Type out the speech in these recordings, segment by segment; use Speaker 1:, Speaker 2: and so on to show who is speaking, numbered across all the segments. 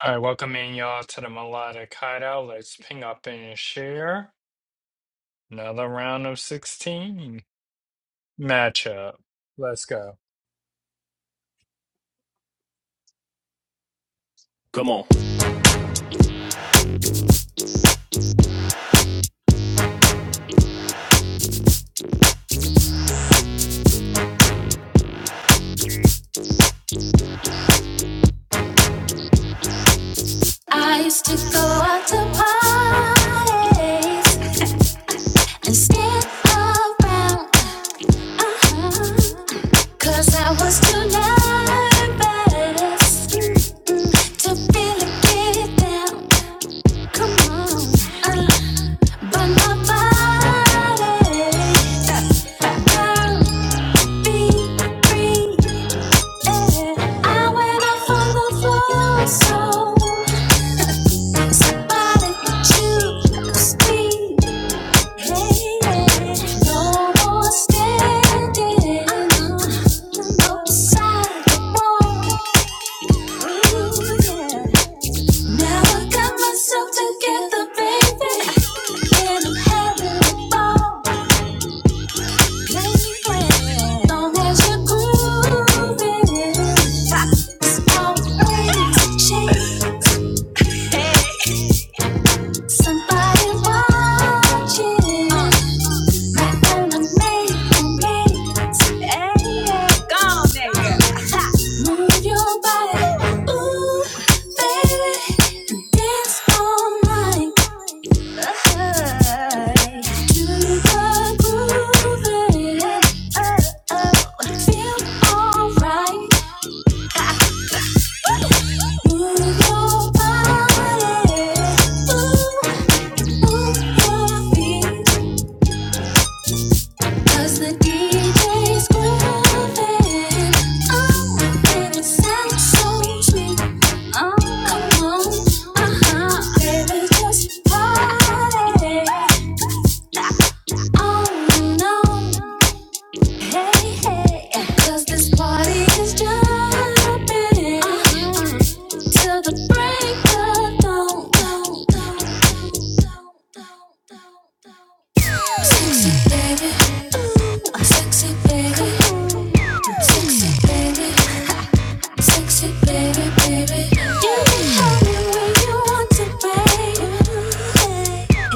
Speaker 1: All right, welcoming y'all to the Melodic Hideout. Let's ping up and share. Another round of 16 matchup. Let's go.
Speaker 2: Come on. I used to go out to parties and stand around. Uh-huh. Cause I was too nervous mm, to really get down. Come on. Uh, but my body, uh, girl, be free. I went off on the floor, so somebody choose me. Hey, no more standing outside the wall. Ooh, yeah. Now I got myself together, baby, and I'm having a ball. Somebody watching, my enemy, me. Hey, yeah, go on, nigga. Move your body, ooh, baby, dance all night. To the oh, oh, Feel alright. Move your body, ooh, move your feet. Cause the DJ's grooving. Oh, and it sounds so sweet. Oh, come on. Uh-huh. Baby, just party. Oh, no. Hey, hey, 'cause this party is jumping till the break of dawn. Sexy baby, sexy baby, sexy baby, sexy baby, baby. You can have me when you want to, baby.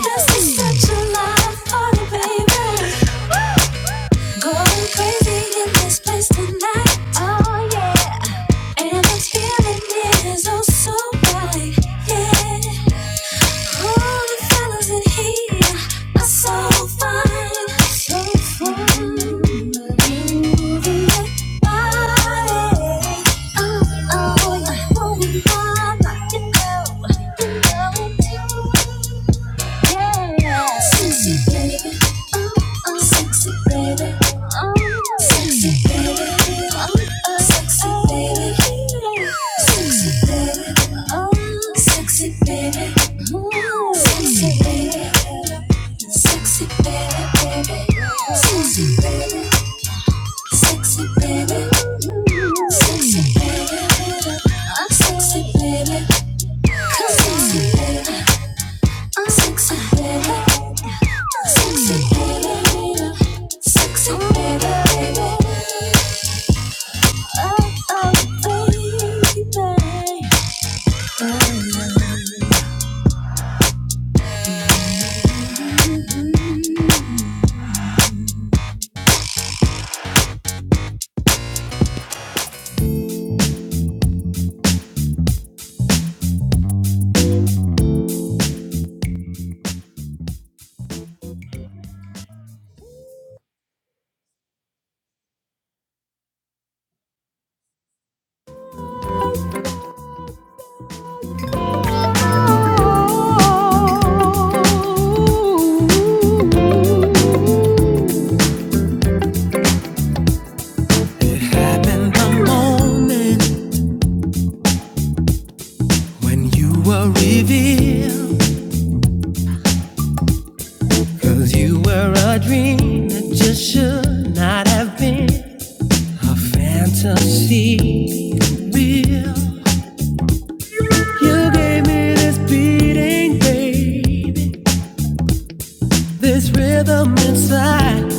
Speaker 2: This is such a live party, baby. Going crazy in this place tonight. Oh yeah. And this feeling is oh so right. Yeah. All the fellas in here are so fine. So fine. Moving your body. Oh, oh, yeah, are moving my body. You know, you know. Yeah. Sexy baby. Oh, oh. Sexy baby. Oh. Sexy baby. Oh, oh. Sexy baby. Sexy baby. Oh. Sexy baby. Ooh. Sexy baby. Sexy baby, baby. Sexy baby. Sexy baby. Ooh. Sexy baby. I'm sexy baby. Come on i sexy, baby. Sexy, baby. Sexy, baby, baby. Oh, oh, baby. It happened the moment when you were revealed. you were a dream that just should not have been. A fantasy real. You gave me this beating, baby. This rhythm inside.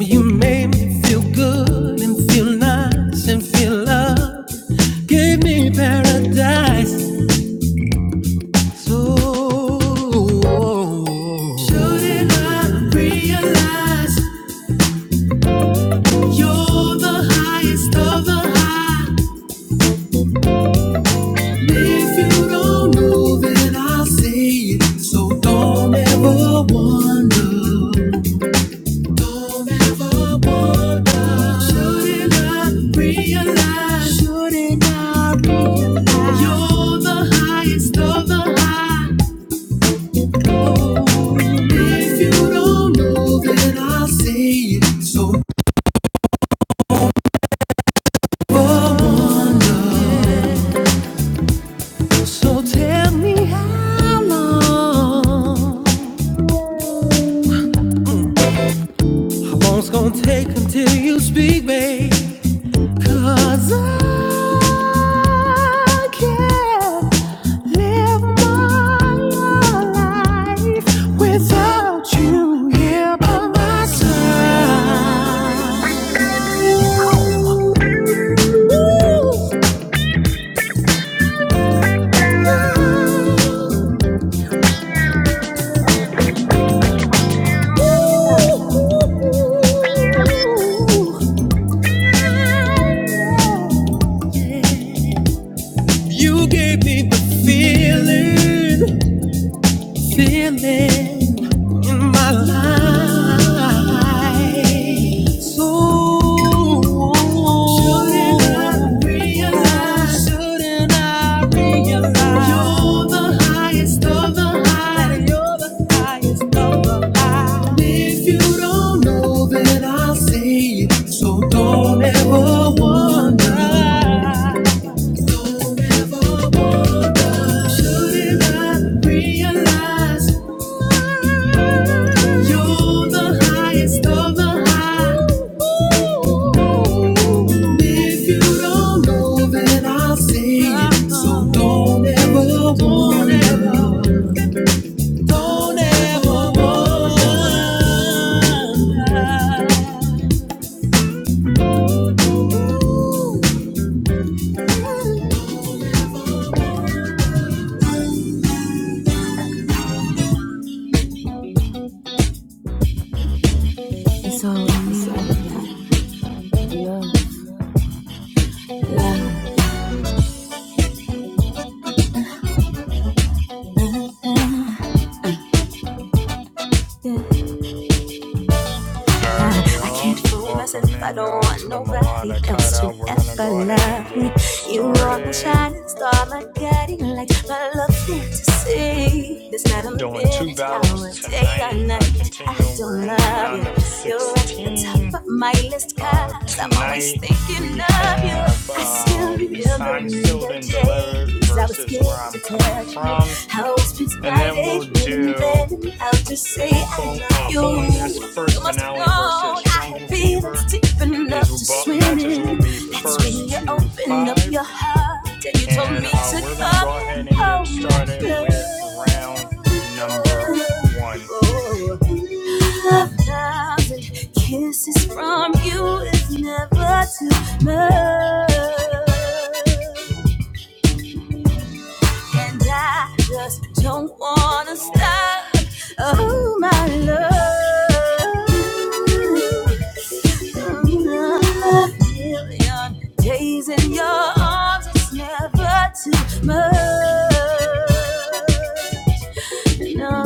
Speaker 2: You made me feel good and feel nice and feel love. Give me paradise. So, shouldn't I realize you're the highest of the high? If you don't know, then I'll say it. So don't ever wonder. Don't ever wonder. Shouldn't I realize? Shouldn't I realize? You're the highest of the high. Oh, if you don't know, then I'll say it. So don't ever wonder. So tell me how long. Long's gonna take until you speak, babe. 'Cause I can't live my life without you here by my side. Ooh, Ooh. Ooh. You gave me the feeling, feeling in my life. So shouldn't I realize? Shouldn't I realize? You're the highest of the high. You're the highest of the high. And If you don't know, then I'll say it. So don't ever wonder. It's all in your love.
Speaker 1: All right,
Speaker 2: I, I can't
Speaker 1: y'all.
Speaker 2: fool myself.
Speaker 1: Welcome
Speaker 2: I
Speaker 1: in,
Speaker 2: don't
Speaker 1: y'all, to
Speaker 2: want
Speaker 1: the
Speaker 2: nobody
Speaker 1: Melodic
Speaker 2: else to
Speaker 1: Hideout. We're going to
Speaker 2: ever
Speaker 1: go ahead and
Speaker 2: love me.
Speaker 1: get
Speaker 2: You are my
Speaker 1: started.
Speaker 2: shining star, my guiding light, my love fantasy. There's not a
Speaker 1: Doing two
Speaker 2: minute,
Speaker 1: battles
Speaker 2: hour, day or
Speaker 1: tonight. Uh,
Speaker 2: night I
Speaker 1: continuing, we're
Speaker 2: don't
Speaker 1: in the
Speaker 2: love you.
Speaker 1: round of
Speaker 2: You're at the
Speaker 1: 16.
Speaker 2: top of my list,
Speaker 1: Uh,
Speaker 2: 'cause Cause I'm always
Speaker 1: tonight,
Speaker 2: thinking
Speaker 1: we
Speaker 2: of you.
Speaker 1: have
Speaker 2: I still
Speaker 1: uh,
Speaker 2: remember in
Speaker 1: Signed, Sealed, and
Speaker 2: the
Speaker 1: Delivered
Speaker 2: days I was
Speaker 1: versus
Speaker 2: scared
Speaker 1: Where
Speaker 2: to
Speaker 1: I'm Coming
Speaker 2: touch you.
Speaker 1: From.
Speaker 2: I was
Speaker 1: And then we'll
Speaker 2: blinded, dreaming,
Speaker 1: do
Speaker 2: planning how to say I
Speaker 1: full,
Speaker 2: love
Speaker 1: uh,
Speaker 2: you.
Speaker 1: following this
Speaker 2: You
Speaker 1: first
Speaker 2: must have
Speaker 1: finale versus
Speaker 2: known I had
Speaker 1: Jungle
Speaker 2: feelings
Speaker 1: Fever.
Speaker 2: deep
Speaker 1: These
Speaker 2: enough
Speaker 1: will,
Speaker 2: to
Speaker 1: bo-
Speaker 2: swim
Speaker 1: matches will
Speaker 2: in.
Speaker 1: be
Speaker 2: That's
Speaker 1: first
Speaker 2: when you
Speaker 1: to
Speaker 2: opened up your
Speaker 1: five.
Speaker 2: heart and you told
Speaker 1: And
Speaker 2: me
Speaker 1: uh,
Speaker 2: to
Speaker 1: we're going to
Speaker 2: come
Speaker 1: go ahead
Speaker 2: in.
Speaker 1: and
Speaker 2: Oh
Speaker 1: get
Speaker 2: my
Speaker 1: started
Speaker 2: love.
Speaker 1: with round number
Speaker 2: oh, oh.
Speaker 1: one.
Speaker 2: oh. A thousand kisses from you is never too much. And I just don't wanna stop. Oh, my love. A million days in your arms is never too much. No.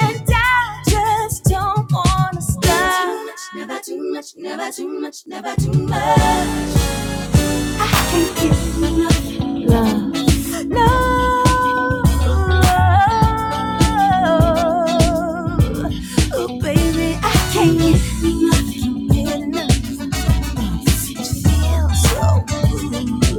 Speaker 2: And I just don't wanna stop. Never too much, never too much, never too much, never too much. I can't give you enough love. No Oh baby, I can't give you enough, get enough. It feels so good.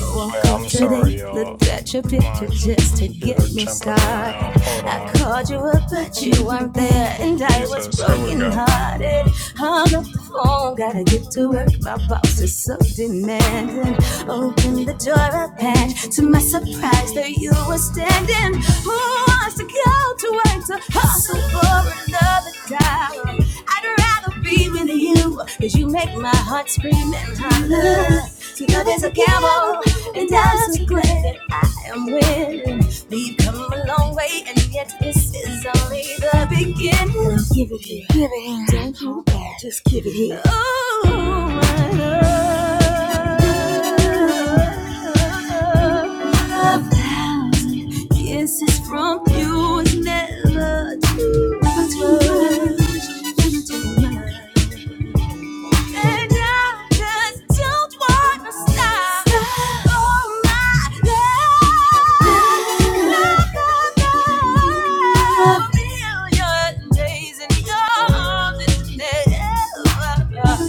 Speaker 2: Woke
Speaker 1: Yeah,
Speaker 2: up
Speaker 1: I'm
Speaker 2: today,
Speaker 1: sorry, y'all.
Speaker 2: looked
Speaker 1: Um,
Speaker 2: at your picture
Speaker 1: My
Speaker 2: just to get
Speaker 1: computer
Speaker 2: me
Speaker 1: jumping
Speaker 2: started.
Speaker 1: around. Hold
Speaker 2: I
Speaker 1: on.
Speaker 2: called you up, but you weren't there, and I was
Speaker 1: Jesus, here we go.
Speaker 2: brokenhearted. hearted. On the phone, gotta get to work. My boss is so demanding. Opened the door up, and to my surprise, there you were standing. Who wants to go to work to hustle for another dollar? I I'd rather be with you, cause you make my heart scream and holler. So love is a gamble, and I'm so glad that I am winning. We've come a long way, and yet this is only the beginning. Give it here, give it here. Don't hold back, just give it here. Ooh, my love. a thousand Kisses from you never do. Never do. And I just don't wanna stop. Oh my love, love, love, love. Million days in your arms is never, never, never.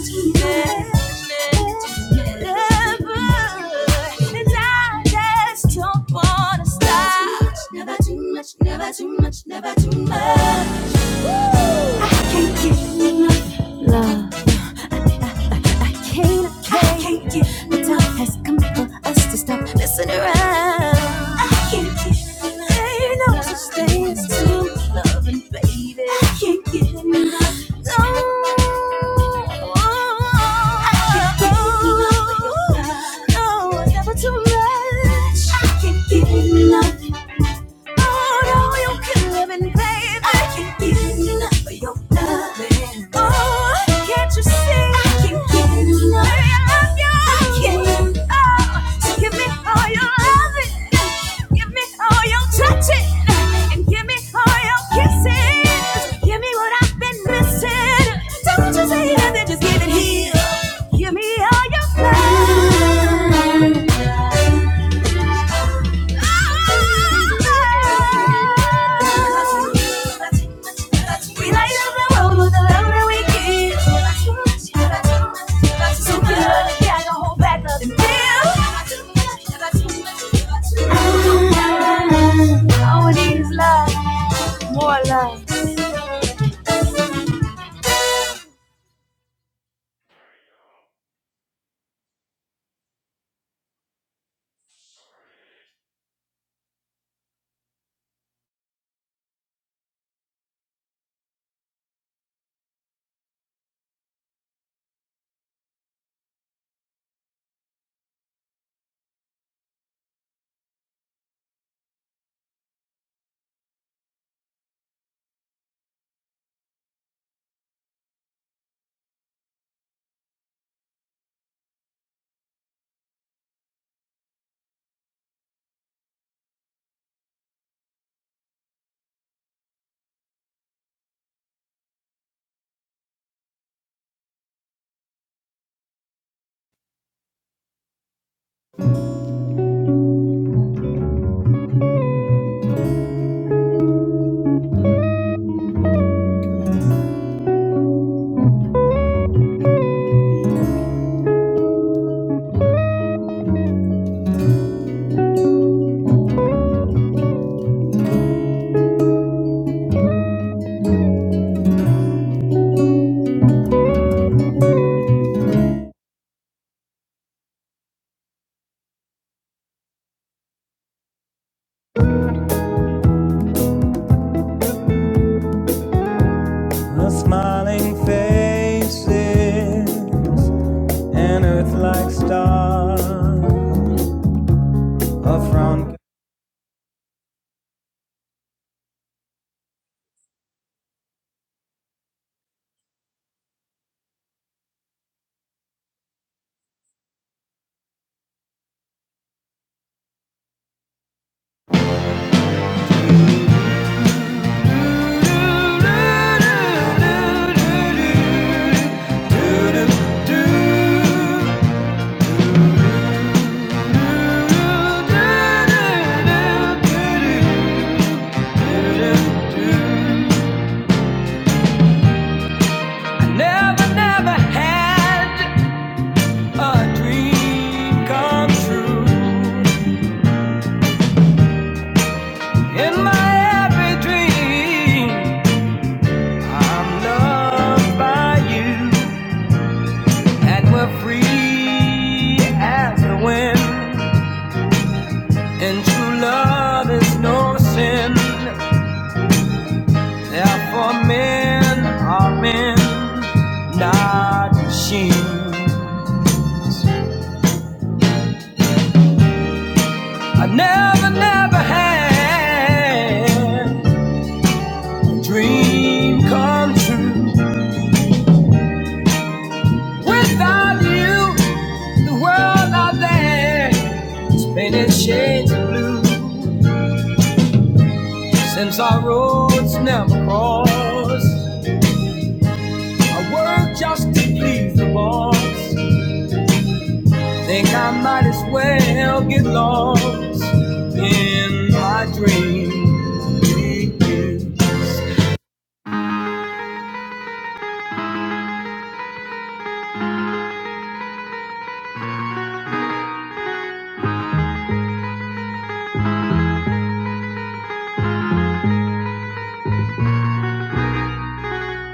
Speaker 2: And I just don't wanna stop. Never too much, never too much, never too much. Woo! I can't get enough. love can't, I can't get the time has come for us to stop messing around. I can't get ain't no such thing as too loving, baby. I can't get enough. No. I can't get enough. of your No, never too much. I can't get enough. Oh no, you can live in, baby. I can't get enough of your loving. Oh, can't you see? I can't get enough. Baby, I love you. Oh, so give me all your loving. Give me all your touching. And give me all your kisses. Give me what I've been missing. Don't just say nothing, just give it here. Give me all your love. We light up the road with the love that we give. So good, yeah, I don't hold back, nothing feel. All we need more love. The smiling faces and earth like stars. of round. Never, never had a dream come true. In my every dream, I'm loved by you, and we're free as the wind. And true love is no sin. Therefore, men are men, not machines. I never, never had a dream come true. Without you, the world out there is painted shades of blue. Since our roads never cross, I work just to please the boss. Think I might as well get lost in my dreams.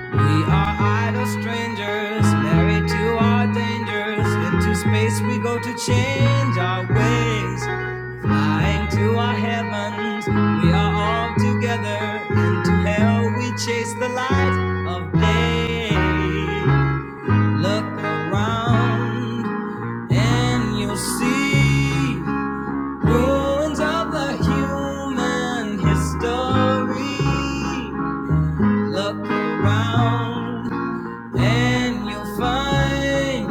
Speaker 2: We are idle strangers, married to our dangers. Into space we go to change our ways. Flying to our heavens, we are all together. Into hell we chase the light of day. Look around and you'll see Ruins of the human history. Look around and you'll find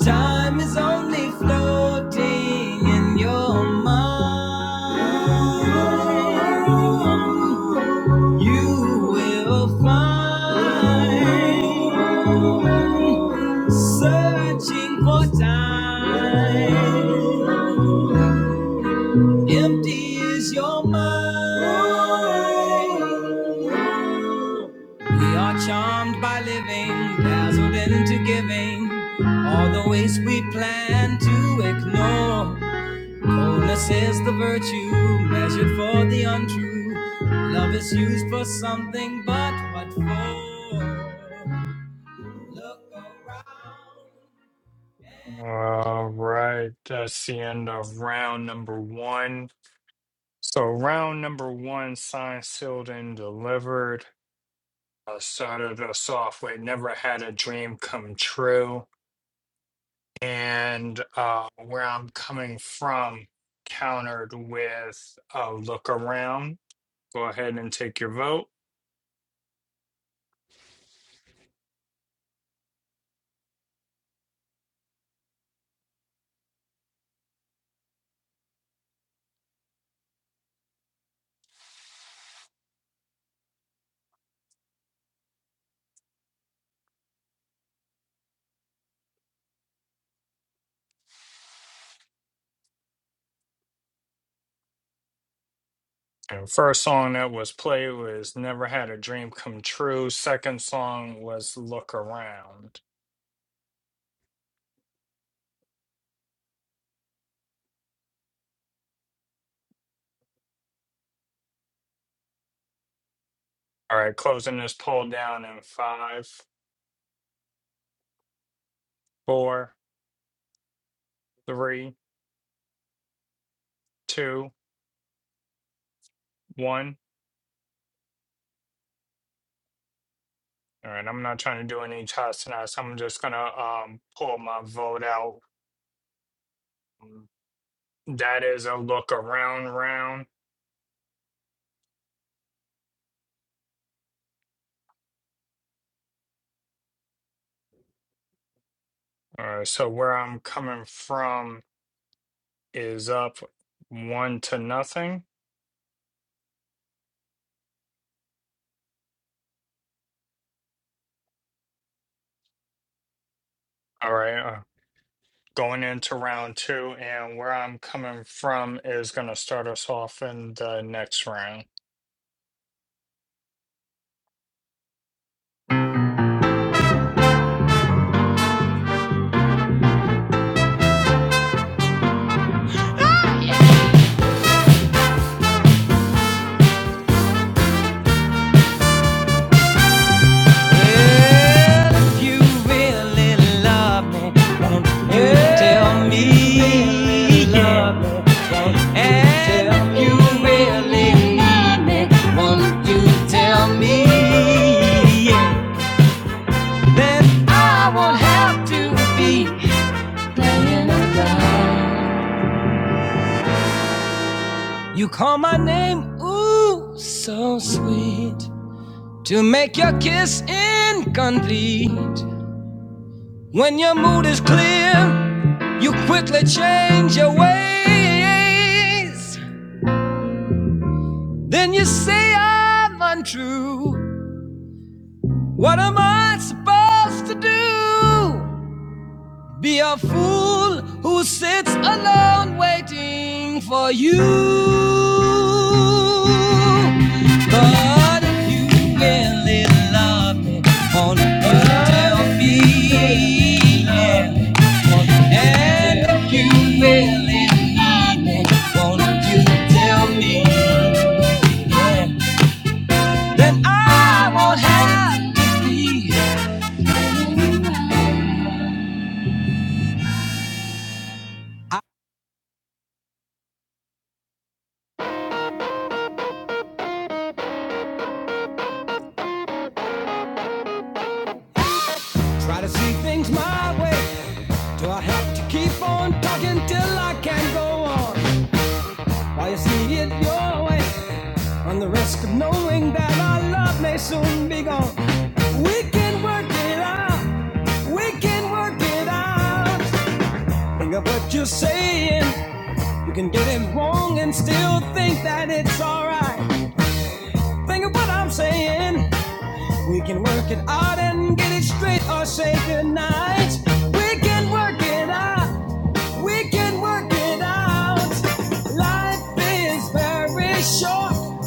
Speaker 2: time is only floating in your mind. You will find searching for time. Empty is your mind. We are charmed by living, dazzled into giving. All the ways we plan to ignore. Coldness is the virtue measured for the untrue. Love is used for something, but what for? Look around.
Speaker 1: All right, that's the end of round number one. So round number one, signed, sealed, and delivered. Uh, started us off with never had a dream come true. And uh, where I'm coming from countered with uh, look around. Go ahead and take your vote. And first song that was played was Never Had a Dream Come True. Second song was Look Around. All right, closing this poll down in five, four, three, two, one. All right, I'm not trying to do any chats tonight, so I'm just gonna um pull my vote out. That is a look around round. All right, so where I'm coming from is up one to nothing. All right, uh, going into round two, and where I'm coming from is gonna start us off in the next round.
Speaker 2: Well, if you really love me. You tell me, love, me, and you really need me. Won't you tell me? Then I won't have to be. You call my name, ooh, so sweet. To make your kiss incomplete. When your mood is clear, you quickly change your ways. Then you say I'm untrue. What am I supposed to do? Be a fool who sits alone waiting for you. But if you really love me, won't you tell me? Yeah. And if you really need me, won't you tell me? Yeah. Then I won't have to be. See things my way. I have to keep on talking till I can not go on. While you see it your way, on the risk of knowing that our love may soon be gone. We can work it out. We can work it out. Think of what you're saying. You can get it wrong and still think that it's alright. Think of what I'm saying. We can work it out and get it straight or say goodnight. We can work it out. We can work it out. Life is very short,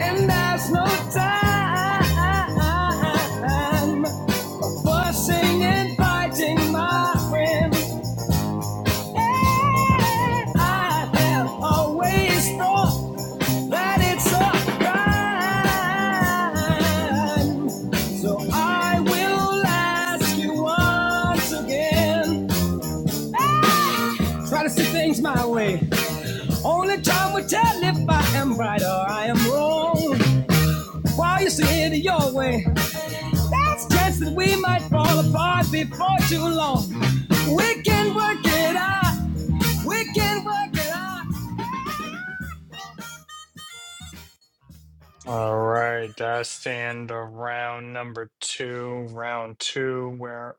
Speaker 2: and there's no time for singing, fighting, my friend. I am always run. Come would tell if I am right on. While you see it your way, there's a chance that we might fall apart before too long. We can work it out. We can work it out.
Speaker 1: All right, that's the end of round number two. Round two, where.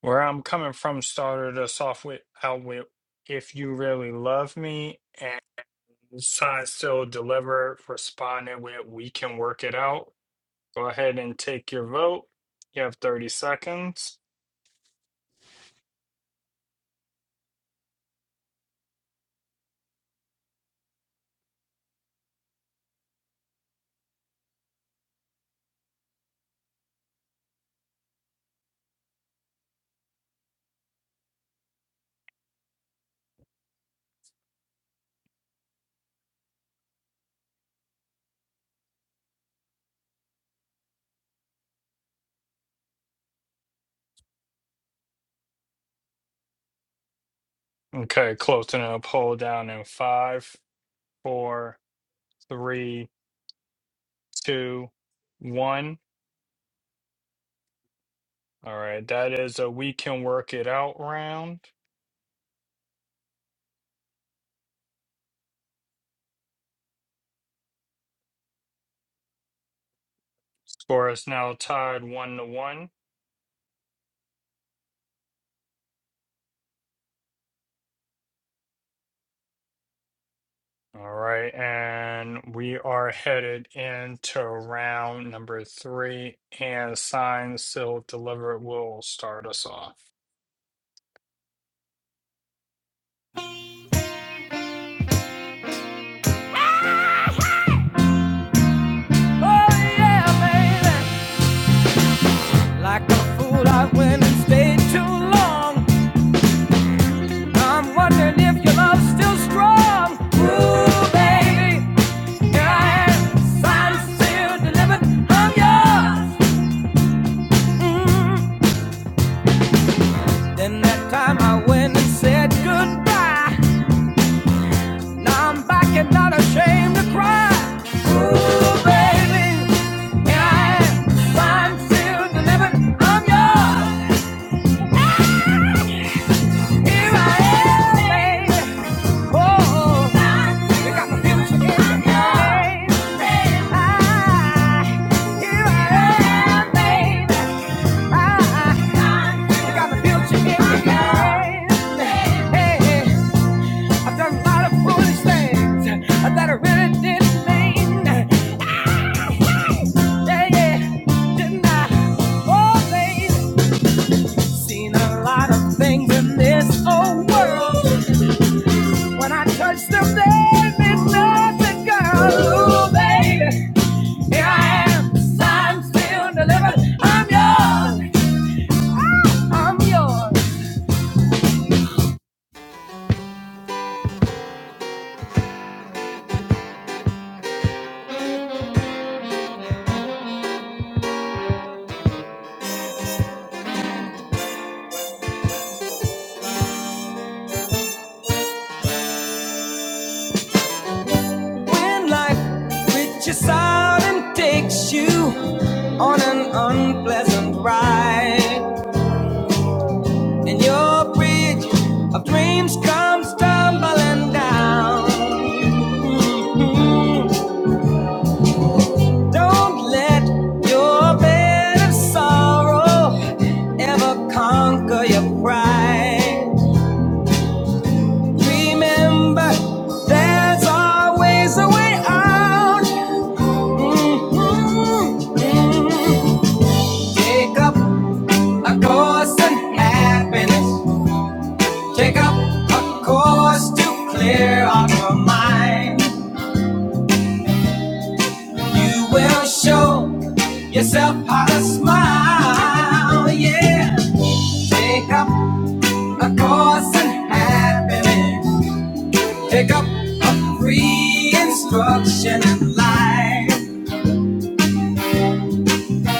Speaker 1: Where I'm coming from started us off with out with if you really love me and sign still deliver. responded with we can work it out. Go ahead and take your vote. You have 30 seconds. Okay, closing a poll down in five, four, three, two, one. All right, that is a we can work it out round. Score is now tied one to one. All right, and we are headed into round number three, and sign, seal, deliver will start us off.
Speaker 2: Oh yeah, baby. Like a fool, I went and stayed too long. I'm wondering if your love's still strong. Ooh, baby, yeah. Signed, sealed, delivered, I'm yours. Mm. Then that time I went and said goodbye. Now I'm back and not ashamed to cry. Ooh, baby, yeah. Signed, sealed, delivered, I'm yours. Here I am, baby. Oh, they got the future in their hands. Ah, yeah, baby. Touch them, baby, touch girl. Ooh, baby, here I am. I'm still delivered. I'm yours. I'm yours. When life reaches out and takes you on an unpleasant ride. And your bridge of dreams comes tumbling down. Mm-hmm. Don't let your bed of sorrow ever conquer your pride. Remember, there's always a way out. Mhm. Take up a course in happiness. Take up a course to clear out your mind. You will show yourself how to smile. Yeah. Take up a course in happiness. Pick up a free instruction in life.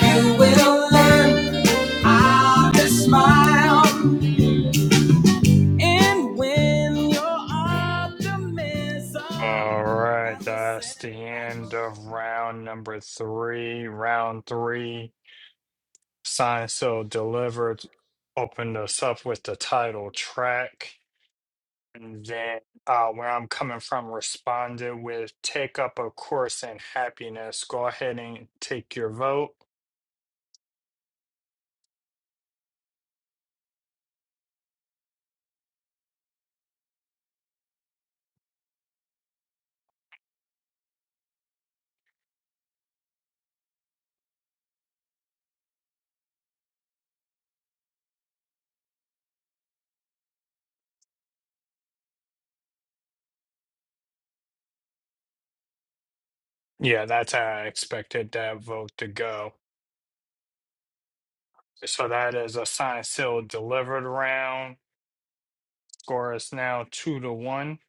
Speaker 2: You will learn how to smile. And when your
Speaker 1: All
Speaker 2: optimism
Speaker 1: right,
Speaker 2: has a
Speaker 1: that's the
Speaker 2: setback
Speaker 1: end
Speaker 2: or
Speaker 1: of
Speaker 2: two.
Speaker 1: round number three. Round three, sign, seal, delivered. Opened us up with the title track, and then uh, where I'm coming from responded with take up a course in happiness. Go ahead and take your vote. Yeah, that's how I expected that vote to go. So that is a signed, sealed, delivered round. Score is now two to one.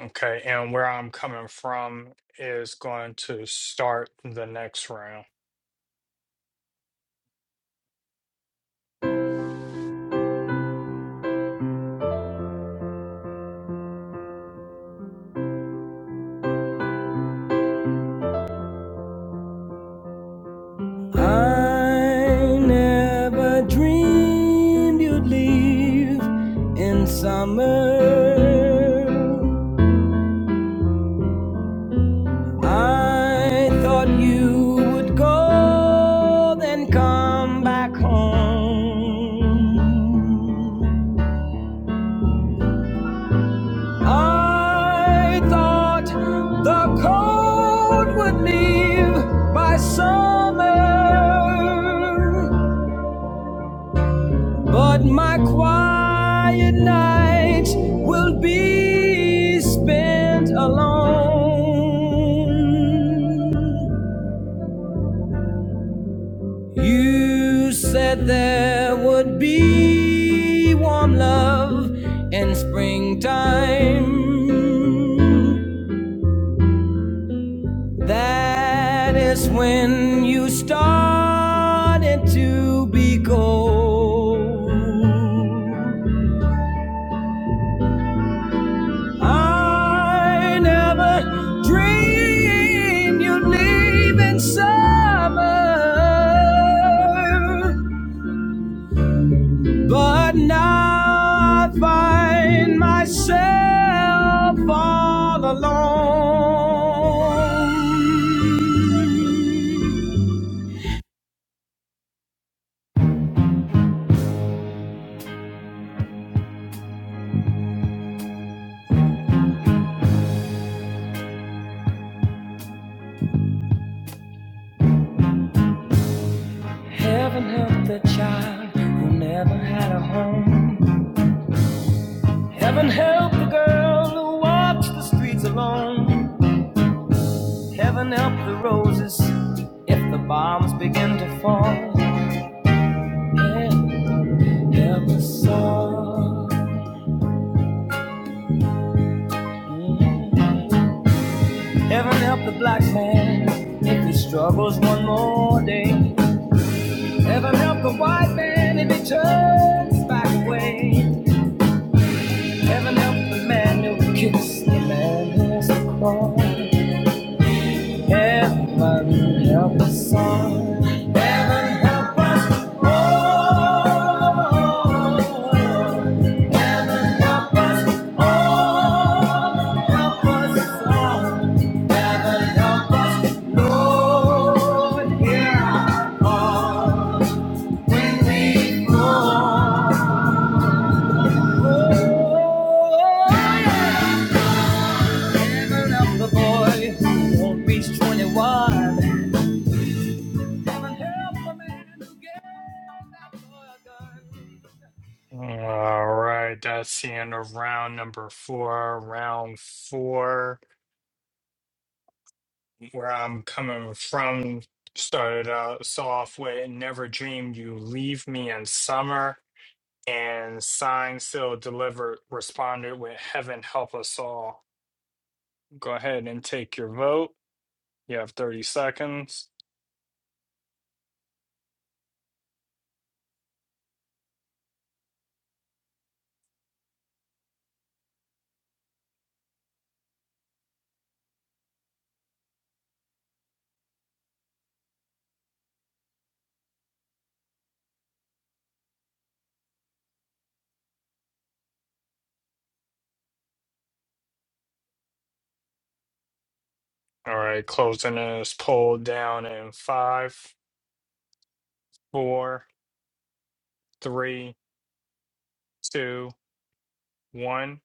Speaker 1: Okay, and where I'm coming from is going to start the next round.
Speaker 2: I never dreamed you'd leave in summer. I thought you would go, then come back home. I thought the cold would leave by summer, but my quiet nights will be spent alone. You said there would be warm love in springtime. That is when you started to be cold. I never dreamed you'd leave in summer. But now I find myself all alone. Heaven help the child who never had a home. Heaven help the girl who walks the streets alone. Heaven help the roses if the bombs begin to fall. Heaven help us all. Heaven help the black man if he struggles one more day. Heaven help the white man if he turns back away. Heaven help the man who kicks the man who has to crawl. Heaven help us all. Help us all. Help us all. Help us all. Help us, Lord, hear our call when we fall. Oh, heaven help the boy who won't reach 21. Heaven help the man who gave that boy a gun.
Speaker 1: All right, that's the end of round number four. Round four, where I'm coming from, started out so off with "Never Dreamed You Leave Me in Summer." And signed, sealed, delivered, responded with Heaven help us all. Go ahead and take your vote. You have 30 seconds. All right, closing this poll down in five, four, three, two, one.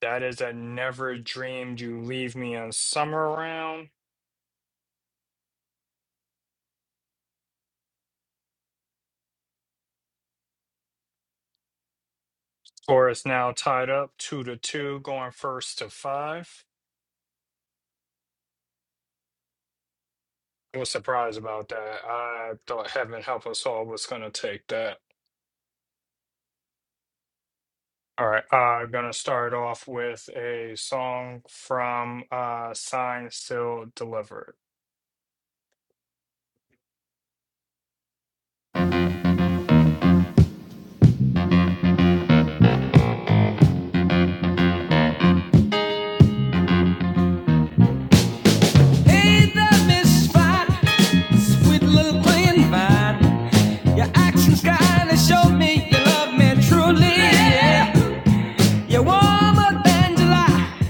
Speaker 1: That is a never dreamed you leave me in summer round. Score is now tied up two to two, going first to five. I was surprised about that. I thought Heaven help us all was going to take that. All right, uh, I'm gonna start off with a song from uh Sign Still Delivered.
Speaker 2: Ain't that misfired, sweet little playing vine? Your actions kinda show me you love me truly. Yeah. You're warmer than July,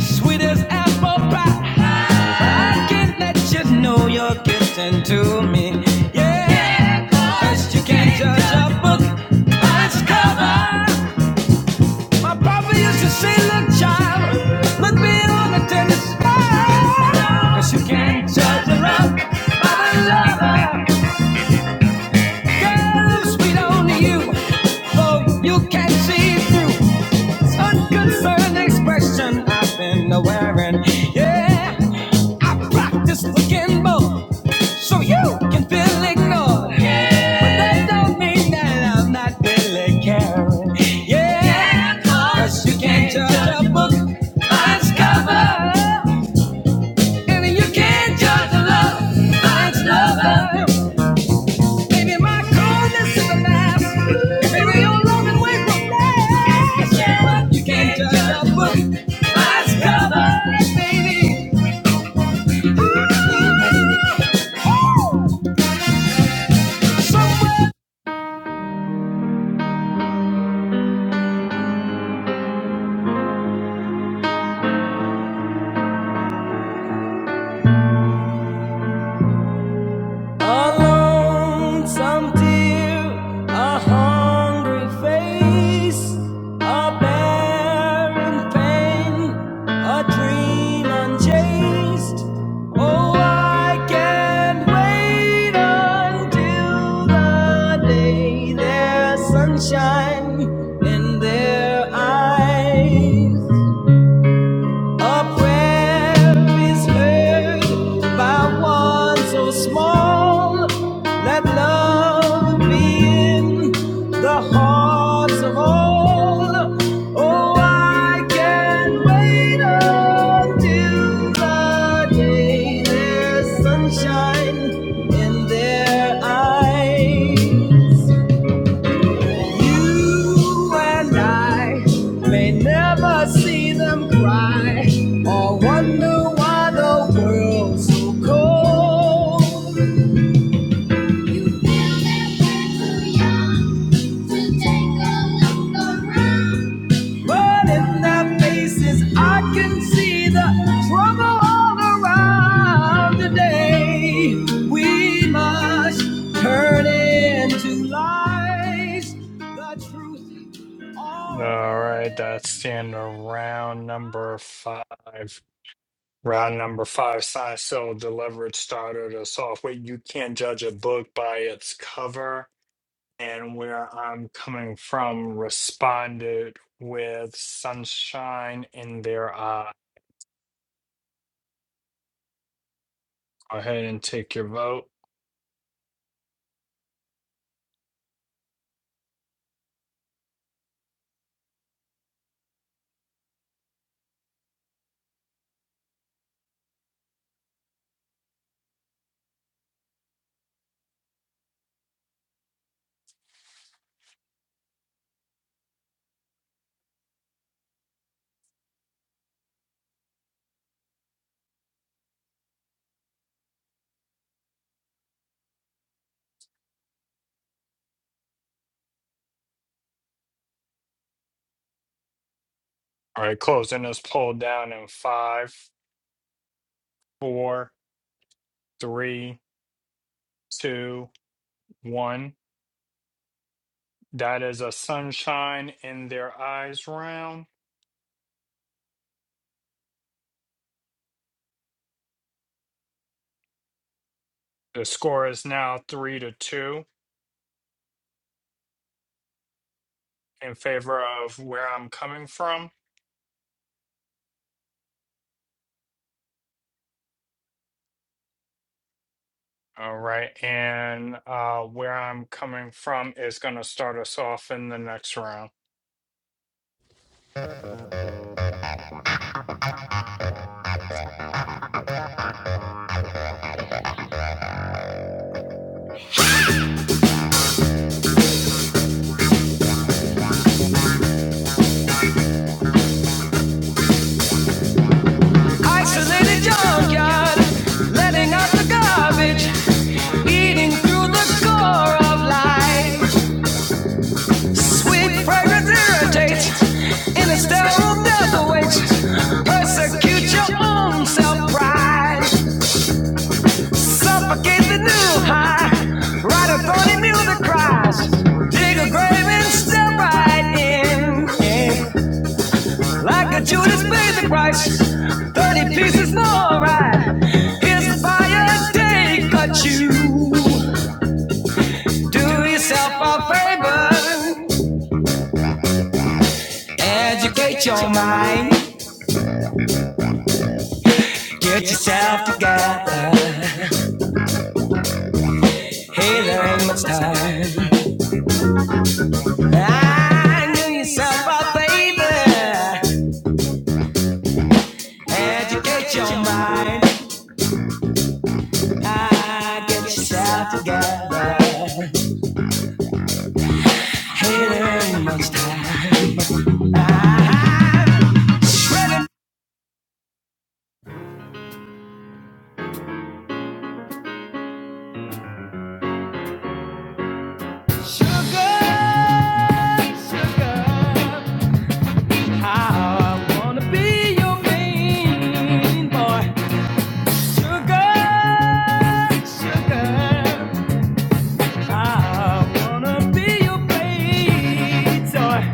Speaker 2: sweet as apple pie. I can't let you know you're getting to me. Yeah, 'cause you can't judge a book by its cover. My papa used to say, Look, child, look beyond the tennis sky. 'Cause you can't judge a love by the lover. Girl, it's sweet only you, though you can't see through. Unconcerned expression I've been wearing. Yeah, I practice looking more so you can feel ignored. Yeah. But that don't mean that I'm not really caring. Yeah, yeah 'cause you can't judge a book by its cover, and you can't judge a love by its lover. Maybe my coldness is a mask. Maybe your loving way from flesh. Yeah, But you can't judge a book by its baby. A lonesome deer, a hungry face, a bear in pain, a dream unchased. Oh, I can't wait until the day there's sunshine. eyes. A prayer is heard by one so small. Let love be in the hearts of all. Oh, I can wait until the day there's sunshine in their eyes. You and I may never see them cry or wonder why the world's so cold. Now that we're too young to take a look around. But in their faces, I can see the trouble all around today. We must turn into lies the truth
Speaker 1: All right,
Speaker 2: already
Speaker 1: that's in
Speaker 2: in their
Speaker 1: round number
Speaker 2: mind.
Speaker 1: five. Round number five, Sign Still Delivered started us off with You Can't Judge a Book by Its Cover. And where I'm coming from responded with Sunshine in Their Eye. Go ahead and take your vote. All right, closing this poll down in five, four. three, two, one. That is a sunshine in their eyes round. The score is now three to two in favor of where I'm coming from. All right. And uh, where I'm coming from is going to start us off in the next round.
Speaker 2: Isolated junkyard, letting out the garbage, eating through the score of life. Sweet fragrance irritates in a sterile death awaits. Persecute your own self pride. Suffocate the new high. Ride a thorny music cries. Dig a grave and step right in. Yeah. Like a Judas paid the price. 30 pieces more, right? Here's a fire day, cut you. Do yourself a favor. Educate your mind. Get yourself together. Hey, there ain't much time. I knew yourself a favor. Educate your mind, and get yourself together. Sugar, sugar, how I wanna be your main boy. Sugar, sugar, I wanna be your baby toy.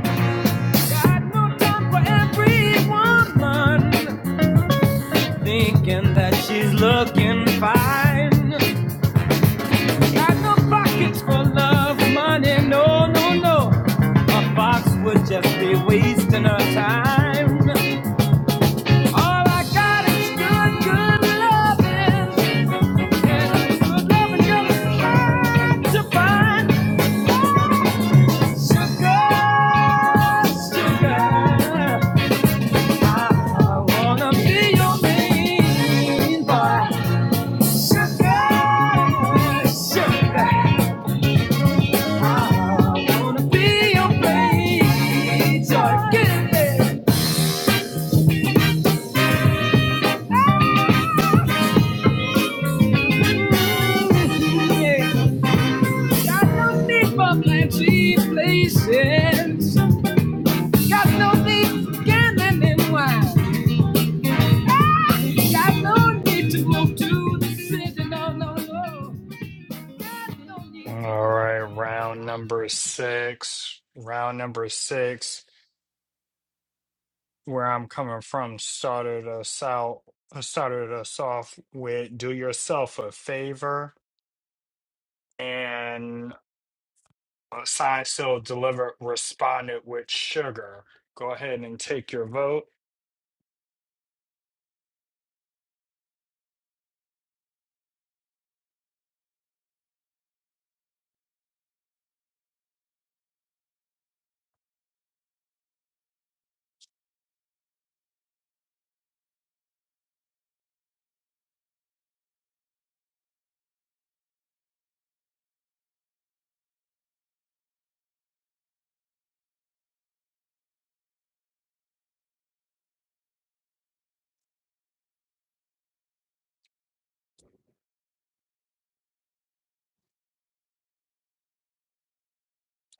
Speaker 2: Got no time for every woman. Thinking that she's looking fine. Got no pockets for love, money, no, no, no. A fox would just be wasting her time. All I got is good, good loving. And it's good loving girl hard to find. Sugar, sugar. I wanna be your main boy. Sugar, sugar, I wanna be your baby. Joy, Yeah. Got no need for fancy places. Got no need for gambling and Got no need to move to the city. No, no, no. no
Speaker 1: All right. Round number six. Round number six. Where I'm coming from started us out, started us off with do yourself a favor. And Uh, Signed, sealed, delivered, responded with sugar. Go ahead and take your vote.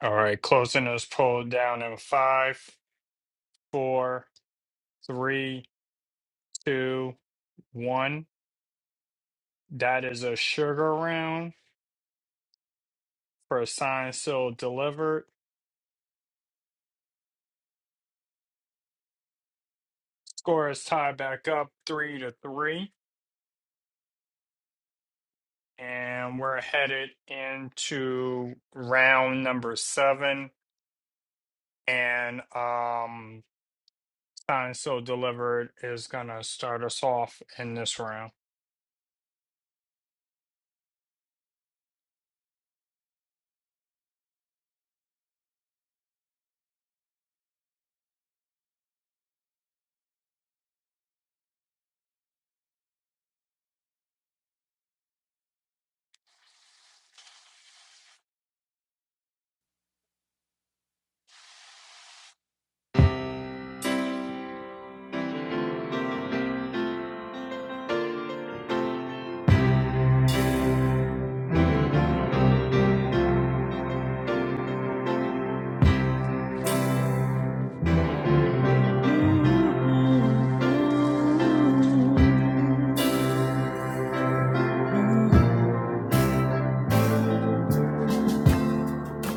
Speaker 1: All right, closing this poll down in five, four, three, two, one. That is a sugar round for signed, sealed, delivered. Score is tied back up three to three, and we're headed into round number seven. And um, signed, sealed, delivered is gonna start us off in this round.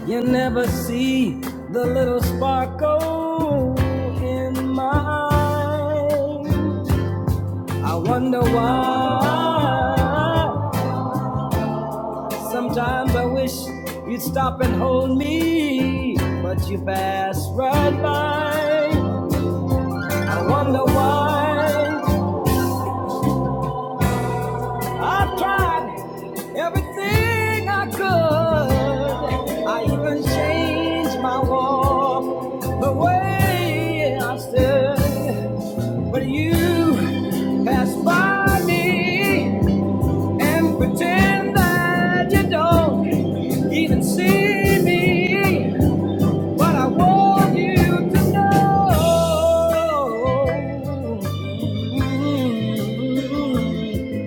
Speaker 2: You never see the little sparkle in my eye. I wonder why. Sometimes I wish you'd stop and hold me, but you pass right by. I wonder why. I've tried everything I could. I even changed my walk, the way I stood. But you pass by me and pretend that you don't even see me. But I want you to know. Mm.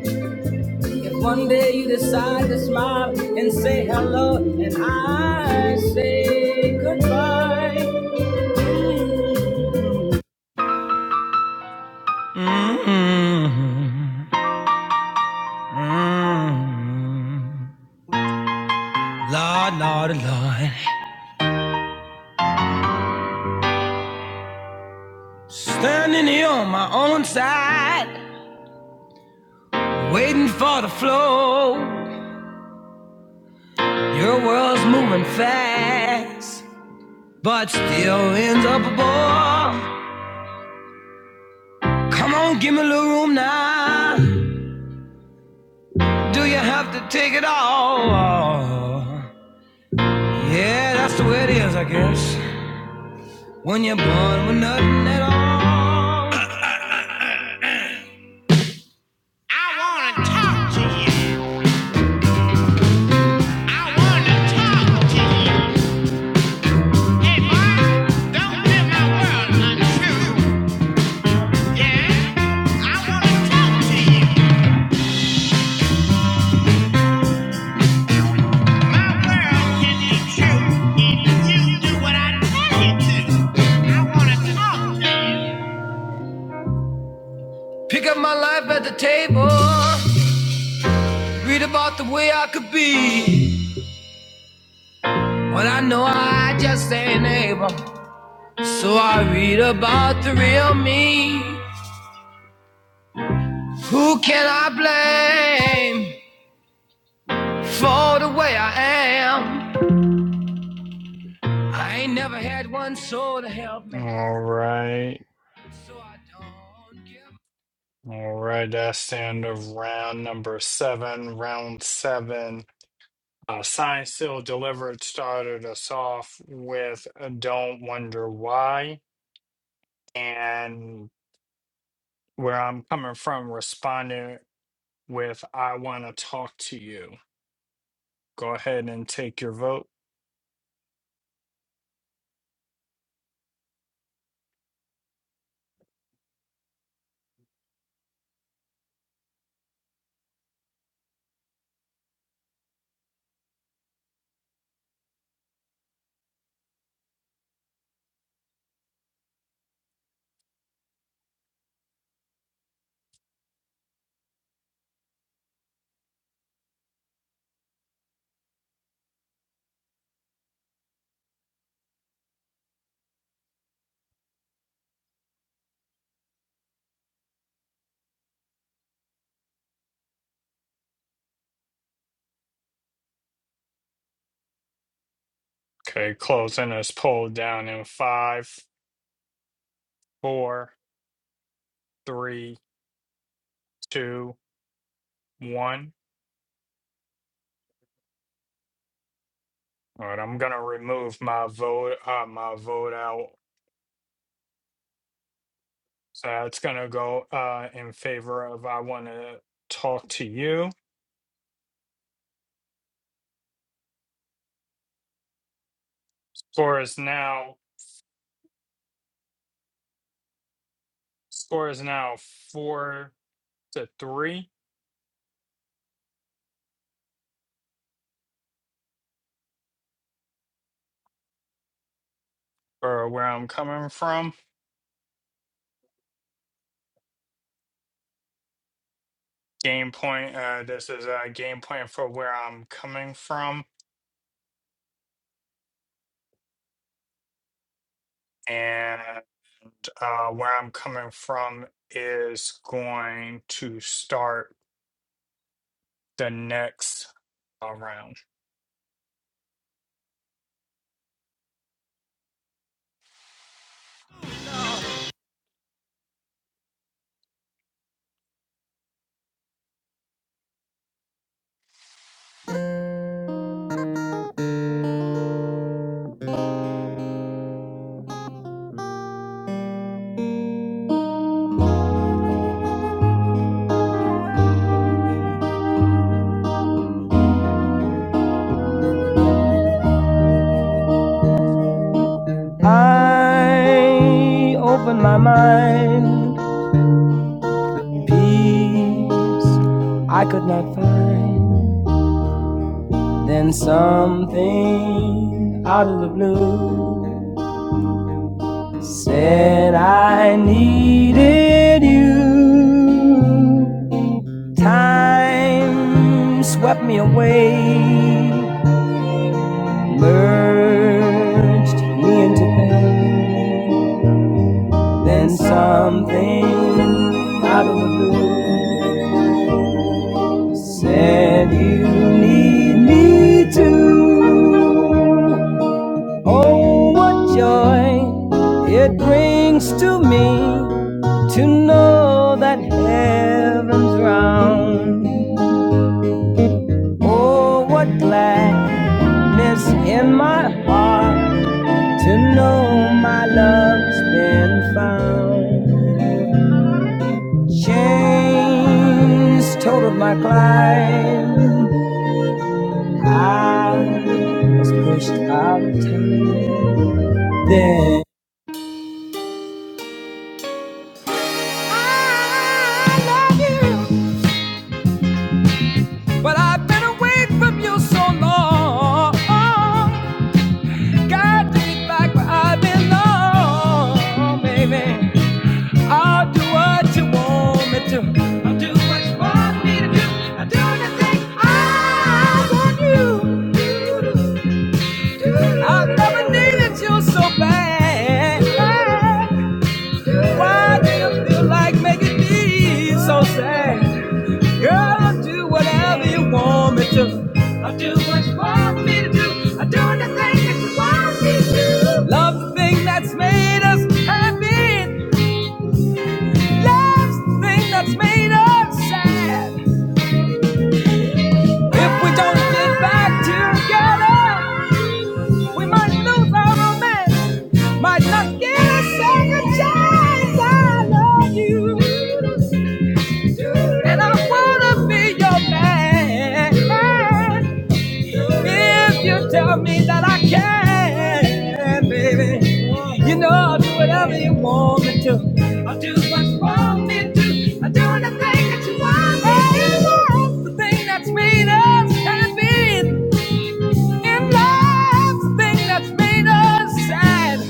Speaker 2: If one day you decide to smile and say hello, and I say goodbye. Mm. Lord, Lord, Lord. Standing here on my own side, waiting for the flow. Still ends up a ball. Get my ticket all. That's the way it is, I guess. I wanna talk to you. I wanna talk to you. Hey, boy, don't live my world untrue. Yeah, I wanna talk to you. Pick up my life at the table. Read about the way I could be. When I know I just ain't able. So I read about the real me. Who can I blame for the way I am? I ain't never had one soul to help me.
Speaker 1: All right.
Speaker 2: So I don't give
Speaker 1: All right. That's the end of round number seven. Round seven. Uh, Science Still Delivered started us off with uh, Don't Wonder Why. And where I'm coming from, responded with I Want to Talk to You. Go ahead and take your vote. Okay. Closing this poll down in five, four, three, two, one. All right. I'm going to remove my vote, uh, my vote out So it's going to go uh, in favor of I want to talk to you. Score is now score is now four to three for where I'm coming from. Game point. Uh, this is a game plan for where I'm coming from, and uh, where I'm coming from is going to start the next uh, round.
Speaker 2: Then something out of the blue said I needed you. Time swept me away, merged me into pain. Then something out of the blue said you need me too. Oh, what joy it brings to me to know that heaven's round. Oh, what gladness in my heart to know my love's been found. Baby, I'll do what you want me to. I'll do what you want me to do. I'll do the thing I want you to do. I never needed you so bad. Why do you feel like making me so sad? Girl, I'll do whatever you want me to. I'll do what you want me to do. I'll do the thing that you want me to. Love the thing that's made us happy. Love's the thing that's made us sad. If we don't get back together, we might lose our romance. Might not get a second chance. I love you. And I wanna be your man. If you tell me that I can, baby, you know I'll do whatever you want me to. I'll do what you want me to. I'll do anything that you want me to. The thing that's made us happy in love, the thing that's made us sad.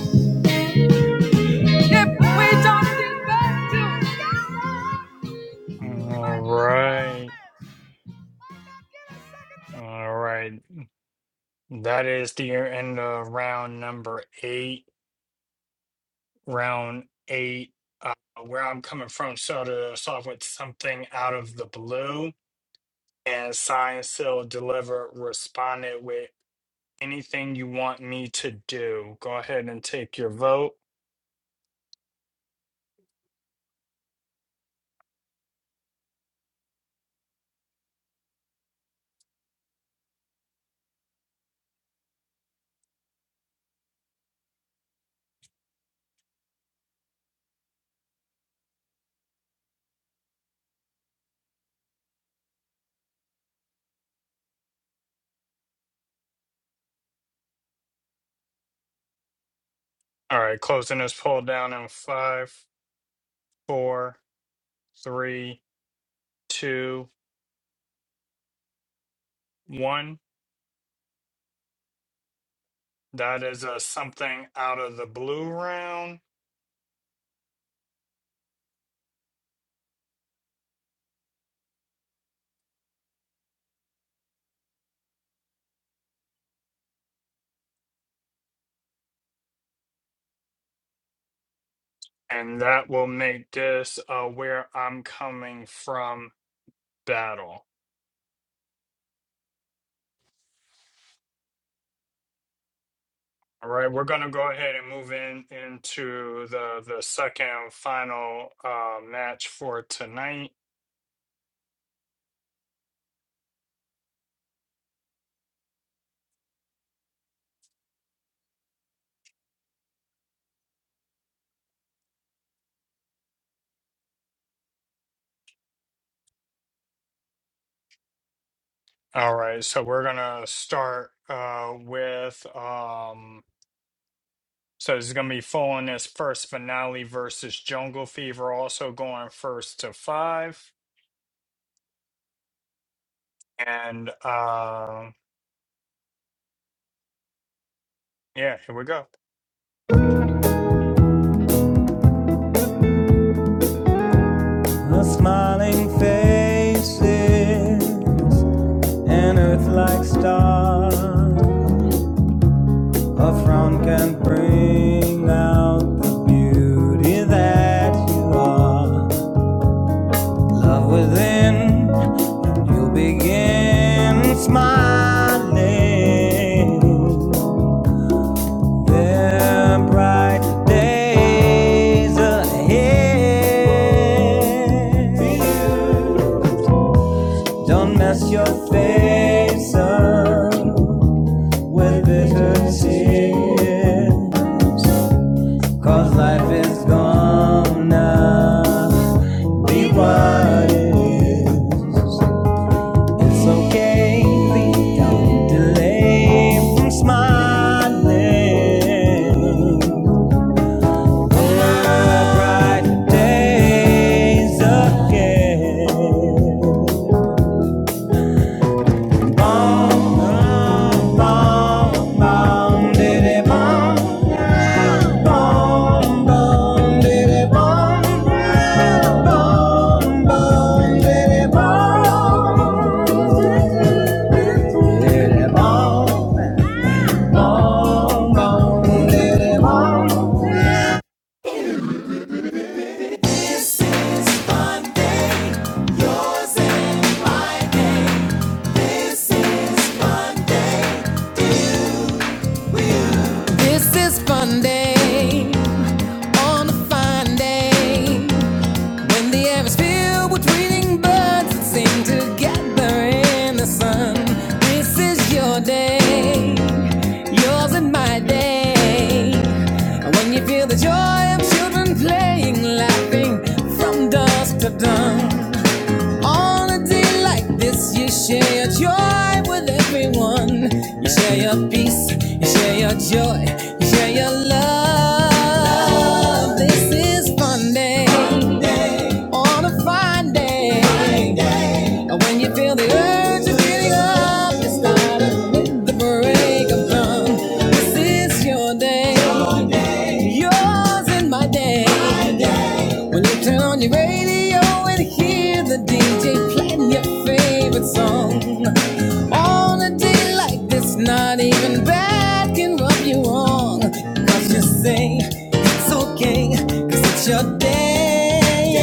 Speaker 2: If we don't get back to
Speaker 1: All
Speaker 2: we might lose
Speaker 1: right.
Speaker 2: our
Speaker 1: All right. That is the end of round number eight. round eight, uh, where I'm coming from, started us off with something out of the blue, and Science Hill delivered responded with anything you want me to do. Go ahead and take your vote. All right, closing this poll down in five, four, three, two, one. That is a something out of the blue round, and that will make this uh, where I'm coming from battle. All right, we're going to go ahead and move in into the the second final uh, match for tonight. All right, so we're gonna start uh, with um, so it's gonna be following this first finale versus Jungle Fever, also going first to five, and uh, yeah, here we go.
Speaker 2: romance. A smiling faces An earth-like star, a frown can bring out the beauty that you are. Love within, you begin smiling. There are bright days ahead. Don't mess your face up. with bitter tears. Cause life is gonna be what it is. It's okay, please don't delay from smiling. There are bright days again. This is fun day on a fine day. When the air is filled with reading birds that sing together in the sun, this is your day, yours and my day. When you feel the joy of children playing, laughing from dusk to dawn, on a day like this, you share your joy with everyone. You share your peace, you share your joy, you share your love. This is Monday, on a fine day. And when you feel the urge of getting up, it's not a- with the break of dawn. This is your day, yours and my day. When you turn on your radio and hear the DJ playing your favorite song on a day like this, not even bad can rub you wrong. Cause you say it's your day.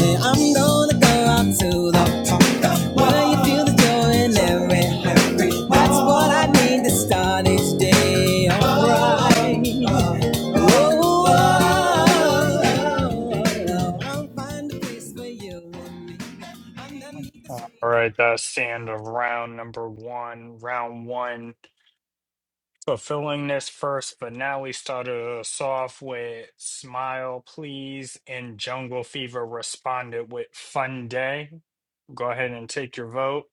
Speaker 2: Yeah, I'm gonna go out to the world. You feel the joy in every heart. That's what I need to start each day. Alright. Ooh, oh, oh, oh, oh. oh. I'll find a place
Speaker 1: All right, that's the end of round number one. Round one fulfilling this first, but now we started us off with Smile Please and Jungle Fever responded with Fun Day. Go ahead and take your vote.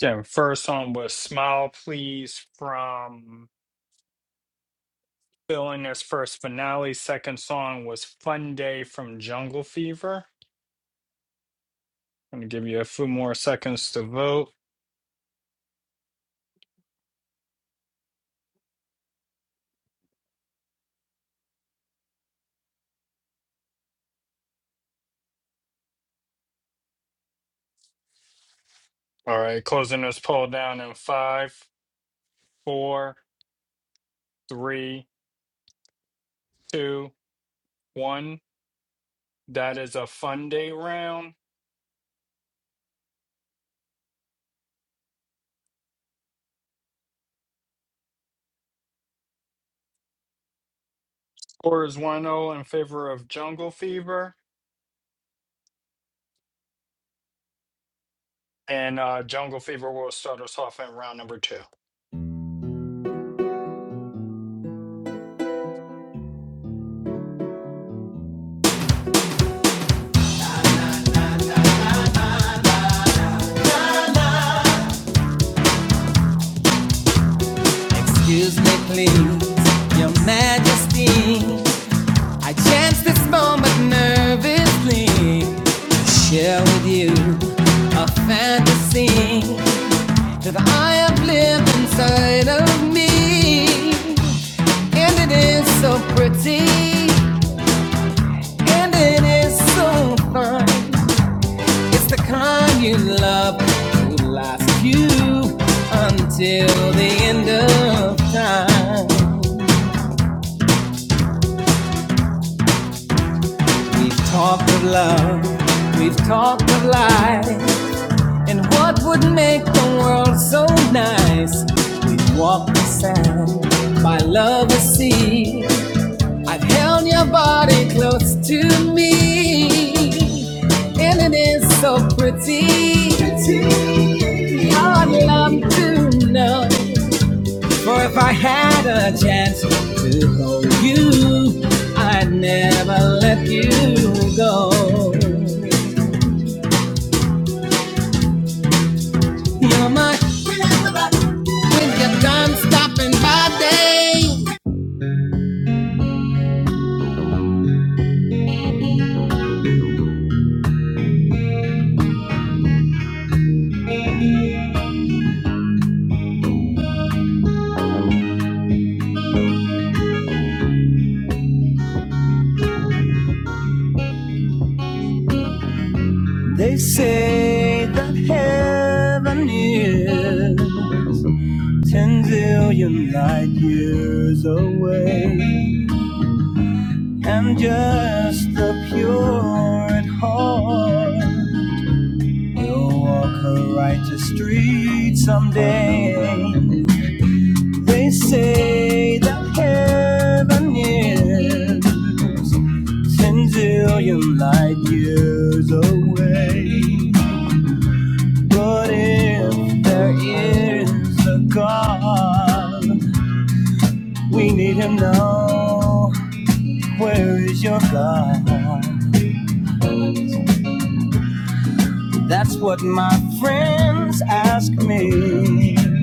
Speaker 1: Then first song was Smile Please from filling this first finale. Second song was Fun Day from Jungle Fever. I'm gonna give you a few more seconds to vote. All right, closing this poll down in five, four, three, two, one. That is a fun day round. Score is one zero in favor of Jungle Fever, and uh, Jungle Fever will start us off in round number two.
Speaker 2: Excuse me, please, Your Majesty. I chance this moment nervously to share with you a fantasy to the higher blimp inside of me. And it is so pretty, and it is so fine. It's the kind you love will last you until the end of time. We've talked of love, we've talked of life, and what would make the world so nice. We've walked the sand by love and sea. I've held your body close to me, and it is so pretty. I'd love to know for if I had a chance to hold you, I'd never let you go. You're my when you're done, stop. They say that heaven is ten zillion light years away. And just the pure at heart will walk a righteous street someday. They say that heaven is ten billion light years away. But if there is a God, we need him now. Where is your God? That's what my friends ask me.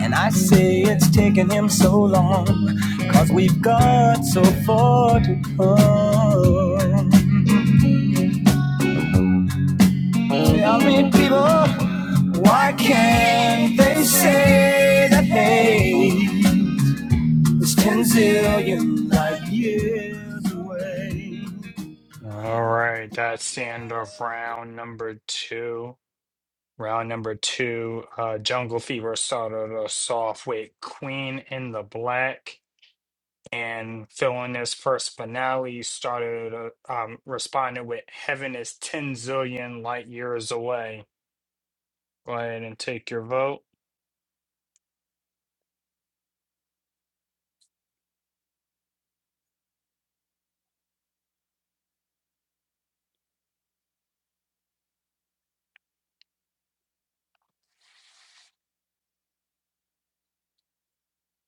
Speaker 2: And I say it's taken him so long, we we've got so far to come. Tell me, people, why can't they say that hey, it's ten zillion light years away?
Speaker 1: All right,
Speaker 2: Why
Speaker 1: that's the end of
Speaker 2: can't
Speaker 1: round number two. Round number two, uh, Jungle Fever started us off with Queen in the Black. and filling his first finale started uh, um, responding with heaven is 10 zillion light years away go ahead and take your vote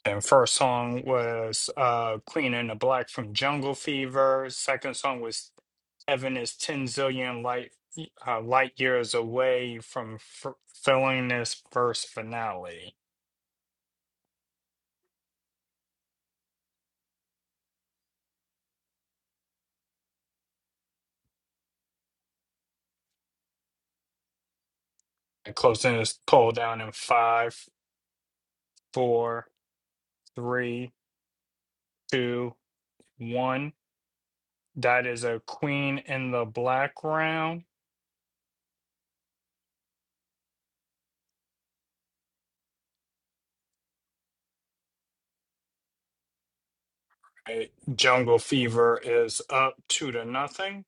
Speaker 1: and first song was uh, clean and the black from jungle fever second song was heaven is 10 zillion light uh, light years away from f- filling this first finale and closing this poll down in five four three two one That is a queen in the black round. Right. Jungle Fever is up two to nothing.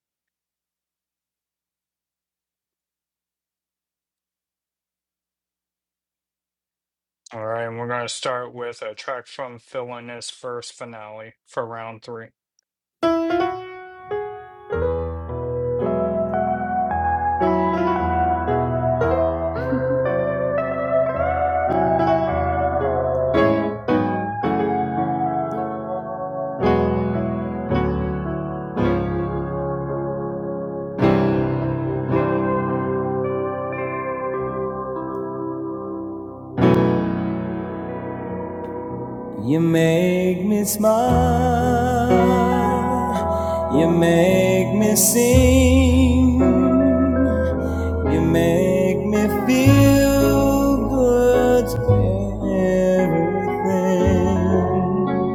Speaker 1: All right, and we're gonna start with a track from Philinus first finale for round three.
Speaker 2: You make me smile, you make me sing. You make me feel good, everything.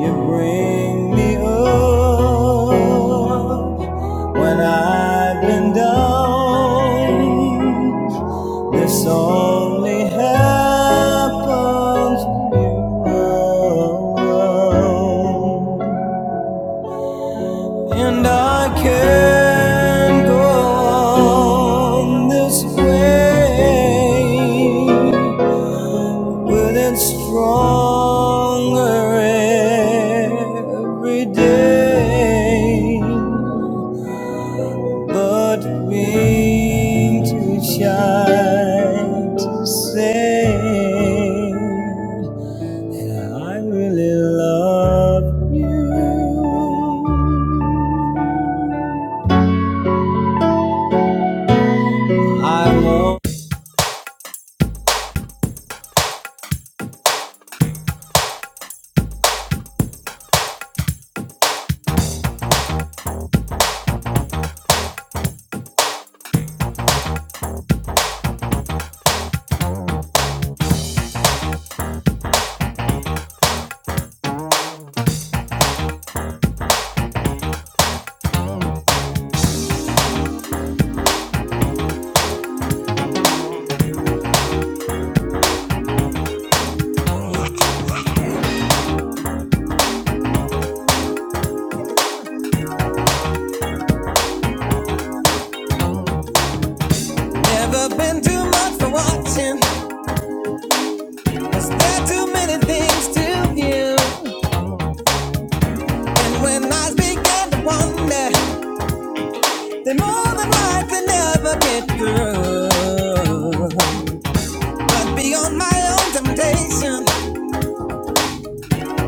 Speaker 2: You bring me up when I've been down. This only happens when you're around. And I can not go on this way with it stronger every day, but being too shy to say. I really love you. I won't. Never been too much for watching. Is there too many things to view? And when I began to wonder, they more than likely never get through. But beyond my own temptation,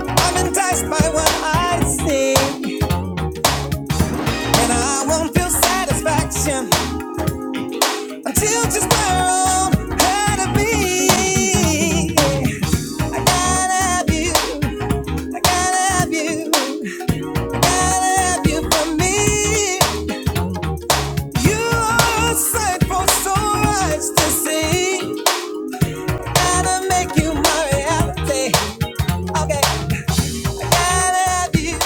Speaker 2: I'm enticed by what I see, and I won't feel satisfaction until just where I'm to be. I gotta have you. I gotta have you. I gotta have you for me. You are sight for so much to see. Gotta make you my reality. Okay, gotta have you,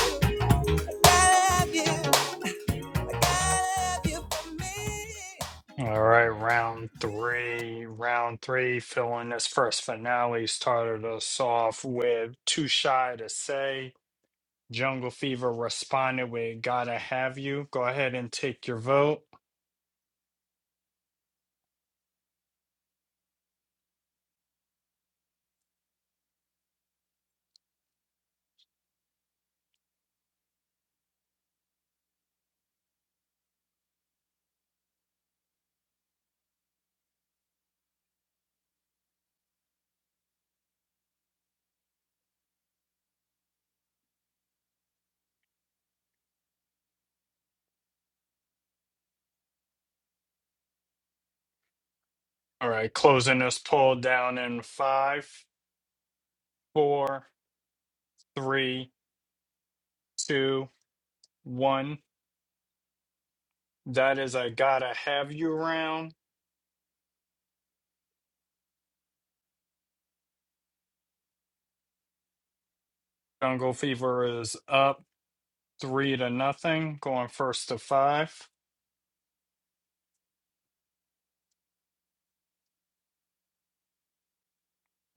Speaker 2: gotta have you, gotta have you for me.
Speaker 1: All right, round three. Round three, Philinus first finale started us off with Too Shy to Say. Jungle Fever responded with Gotta Have You. Go ahead and take your vote. All right, closing this poll down in five, four. three, two, one. That is a gotta have you round. Jungle Fever is up three to nothing, going first to five.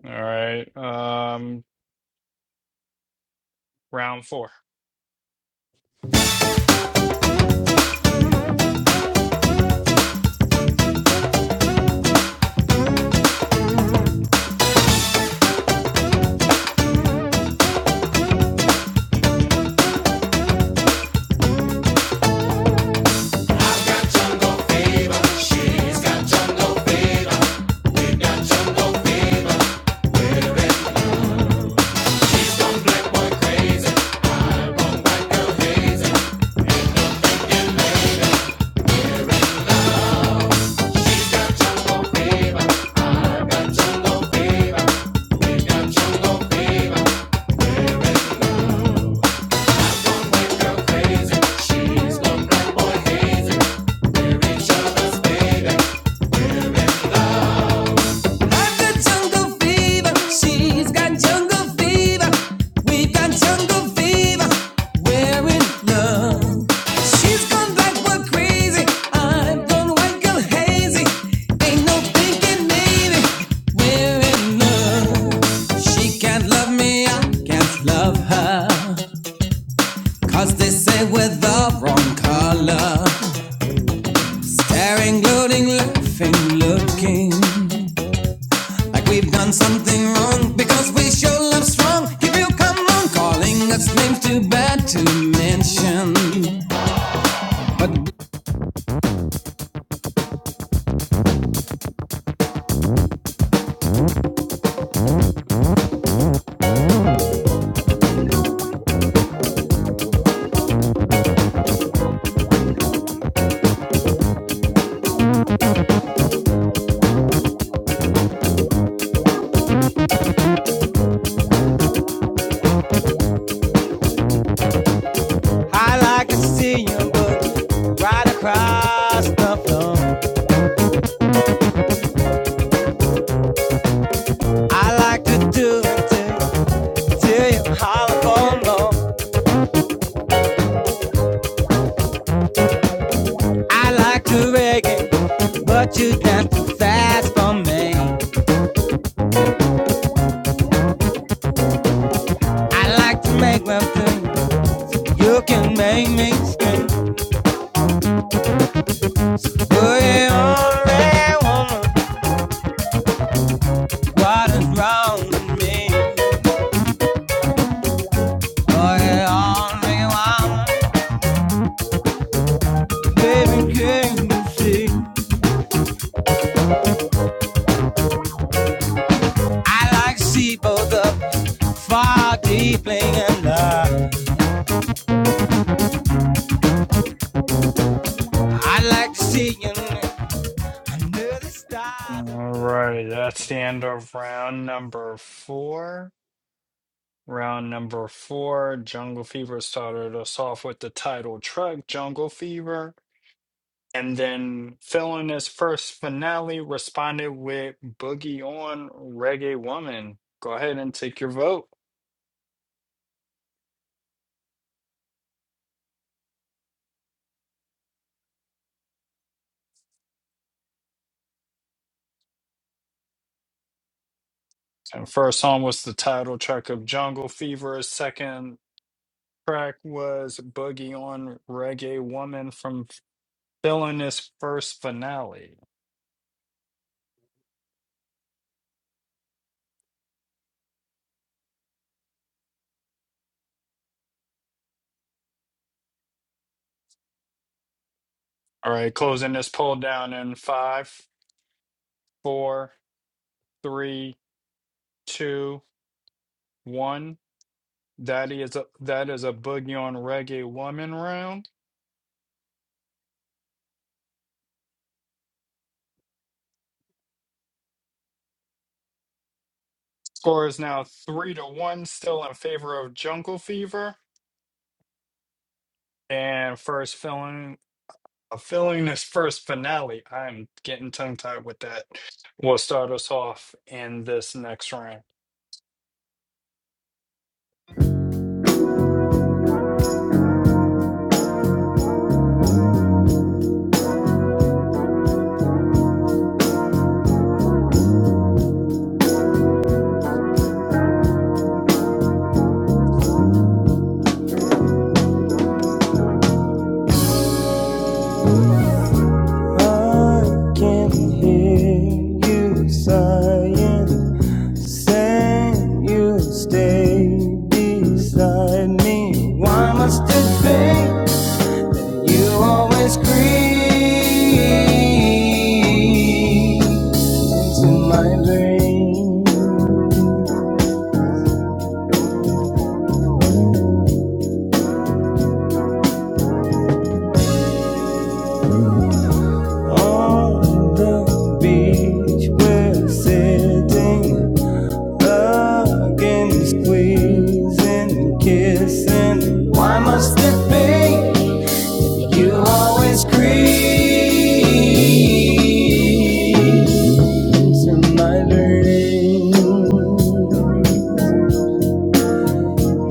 Speaker 1: All right, um, round four.
Speaker 2: Feel jungle fever, we're in love. She's gone black, we're crazy. I'm white, girl hazy. Ain't no thinking maybe. We're in love. She can't love me, I can't love her. Cause they say we're the wrong color. Staring, gloating, laughing, looking like we've done something wrong. Because we show love strong. If you come on, calling us names too bad to mention. But I like to see you look right across the floor. I like to do it to, till you holler for more. I like to reggae, but you dance too fast for me. I like to make love to you. can make me scream. Boy, you only woman, what is wrong with me? Boy, you only woman, baby, can't you see? I like to see both of you fall deeply in love. I like to see you under the
Speaker 1: All
Speaker 2: stars above.
Speaker 1: right, that's the end of round number four. Round number four, Jungle Fever started us off with the title track, Jungle Fever. And then Phil his first finale responded with Boogie on Reggae Woman. Go ahead and take your vote. And first song was the title track of Jungle Fever. Second track was Boogie on Reggae Woman from Phil his first finale. All right, closing this poll down in five, four, three, two, one. That is a that is a boogie on reggae woman round. Score is now three to one, still in favor of Jungle Fever. And first filling, uh, filling this first finale. I'm getting tongue tied with that. Will start us off in this next round.
Speaker 2: I can hear you sighing. Stand, you stay beside me. Why must it be you always creep into my dream? On the beach, we're sitting again, squeezing, kissing. Why must it be? You always crease in my vein,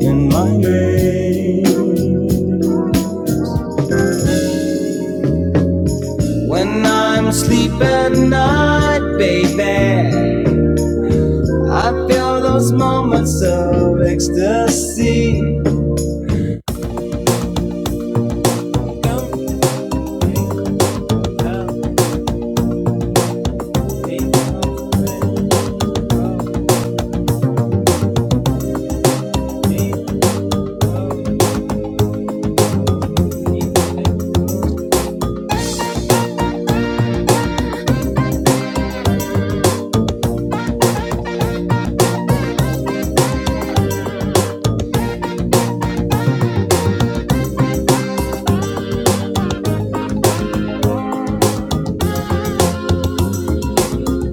Speaker 2: in my vein. When I'm asleep at night, baby, I feel those moments of ecstasy.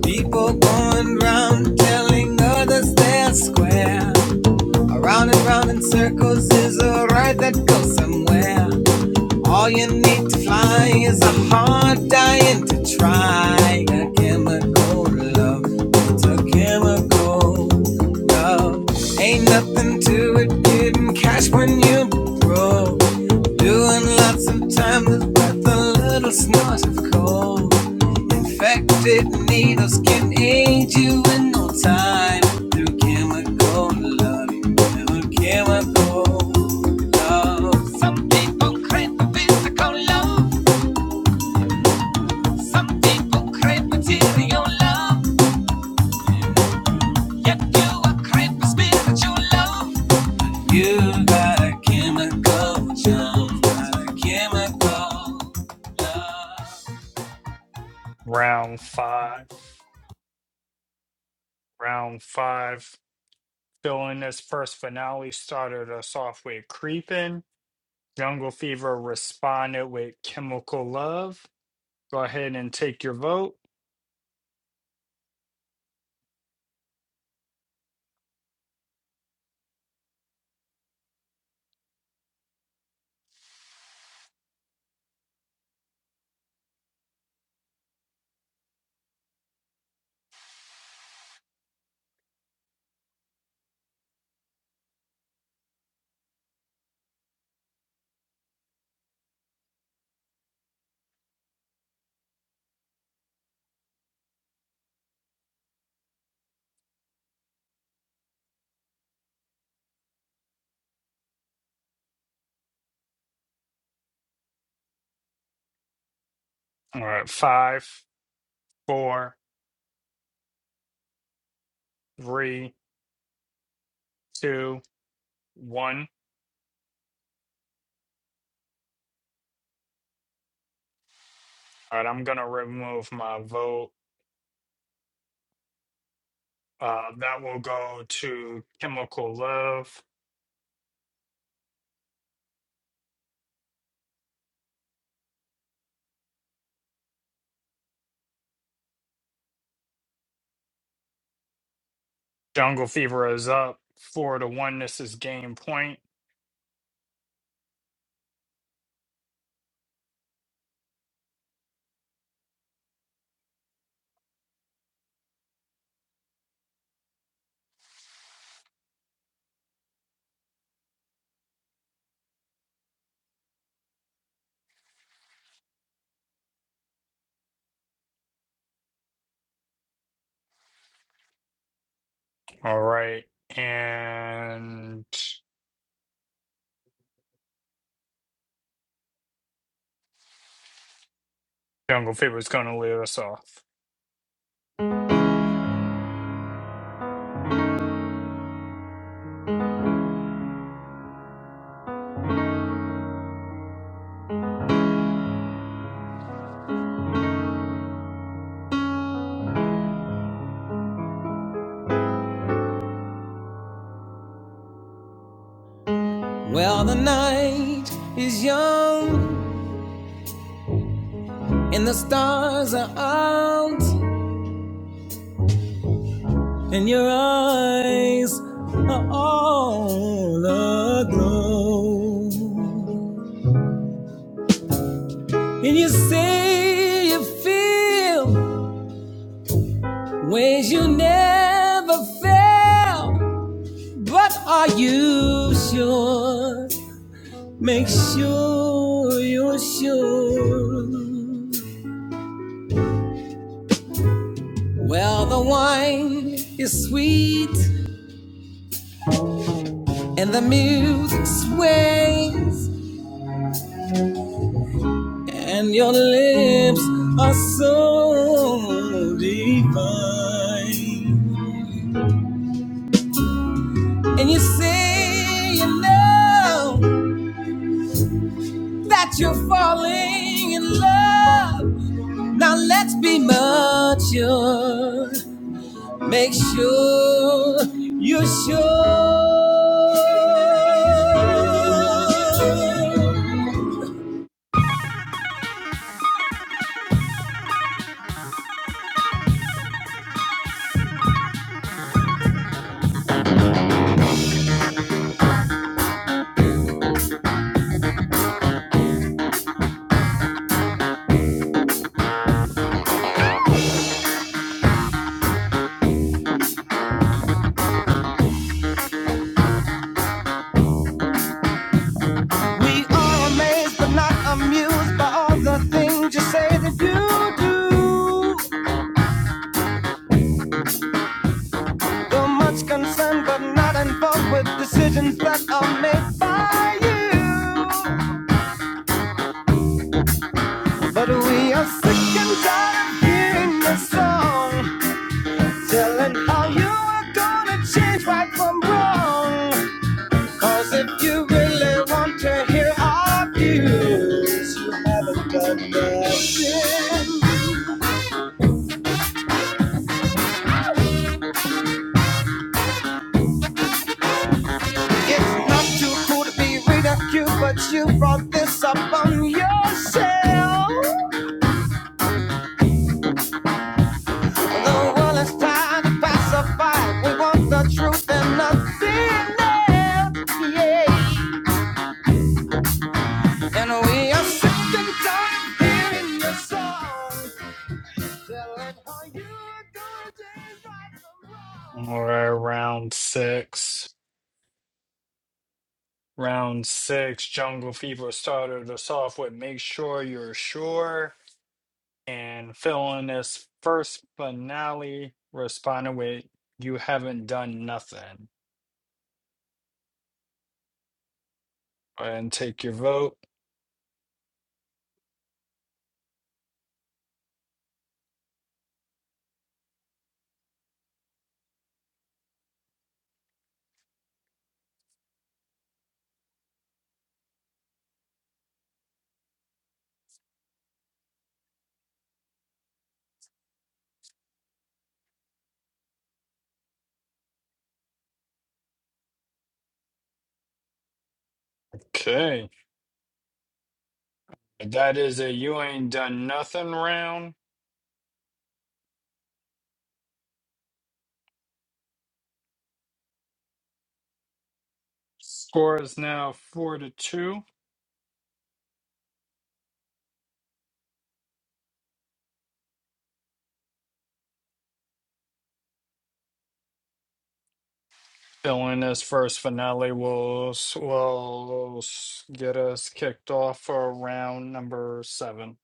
Speaker 2: People going round telling others they're square. Around and round in circles is a ride that goes somewhere. All you need to fly is a hard dying to try. A chemical love, it's a chemical love. Ain't nothing to it getting cash when you broke. Doing lots of time with a little snort of cold. Infected needles can aid you in no time through chemical love, through chemical love. Some people crave for physical love, some people crave material love. Yet you are crave for spiritual love. You got a chemical jump, got a chemical love.
Speaker 1: Round five. Round five. Filling this first finale started us off with Creepin'. Jungle Fever responded with Chemical Love. Go ahead and take your vote. All right, five, four, three, two, one. All right, I'm gonna remove my vote. Uh, that will go to Chemical Love. Jungle Fever is up four to one. This is game point. All right, and Jungle Fever is gonna lead us off.
Speaker 2: Well, the night is young and the stars are out. and your eyes are all aglow. And you say you feel ways you never felt, but are you sure? Make sure you're sure. Well, the wine is sweet and the music sways. And your lips are so divine. And you say you know that you're falling in love. Now let's be mature. Make sure you're sure. We are amazed but not amused by all the things you say that you do. You're much concerned but not involved with decisions that are made by you. But we are sick and tired of hearing the song, telling how you are gonna change right from wrong. Cause if you really want to hear our views, you haven't done nothing. It's not too cool to be ridiculed, but you brought this up on yourself. The world is trying to pacify. We want the truth and nothing else. Yeah.
Speaker 1: All right, round six. Round six. Jungle Fever started us off with "Make Sure You're Sure" and filling this first finale responded with "You Haven't Done Nothing." Go ahead And take your vote. Okay. That is a you ain't done nothing round. Score is now four to two. Filling this first finale will s- will get us kicked off for round number seven.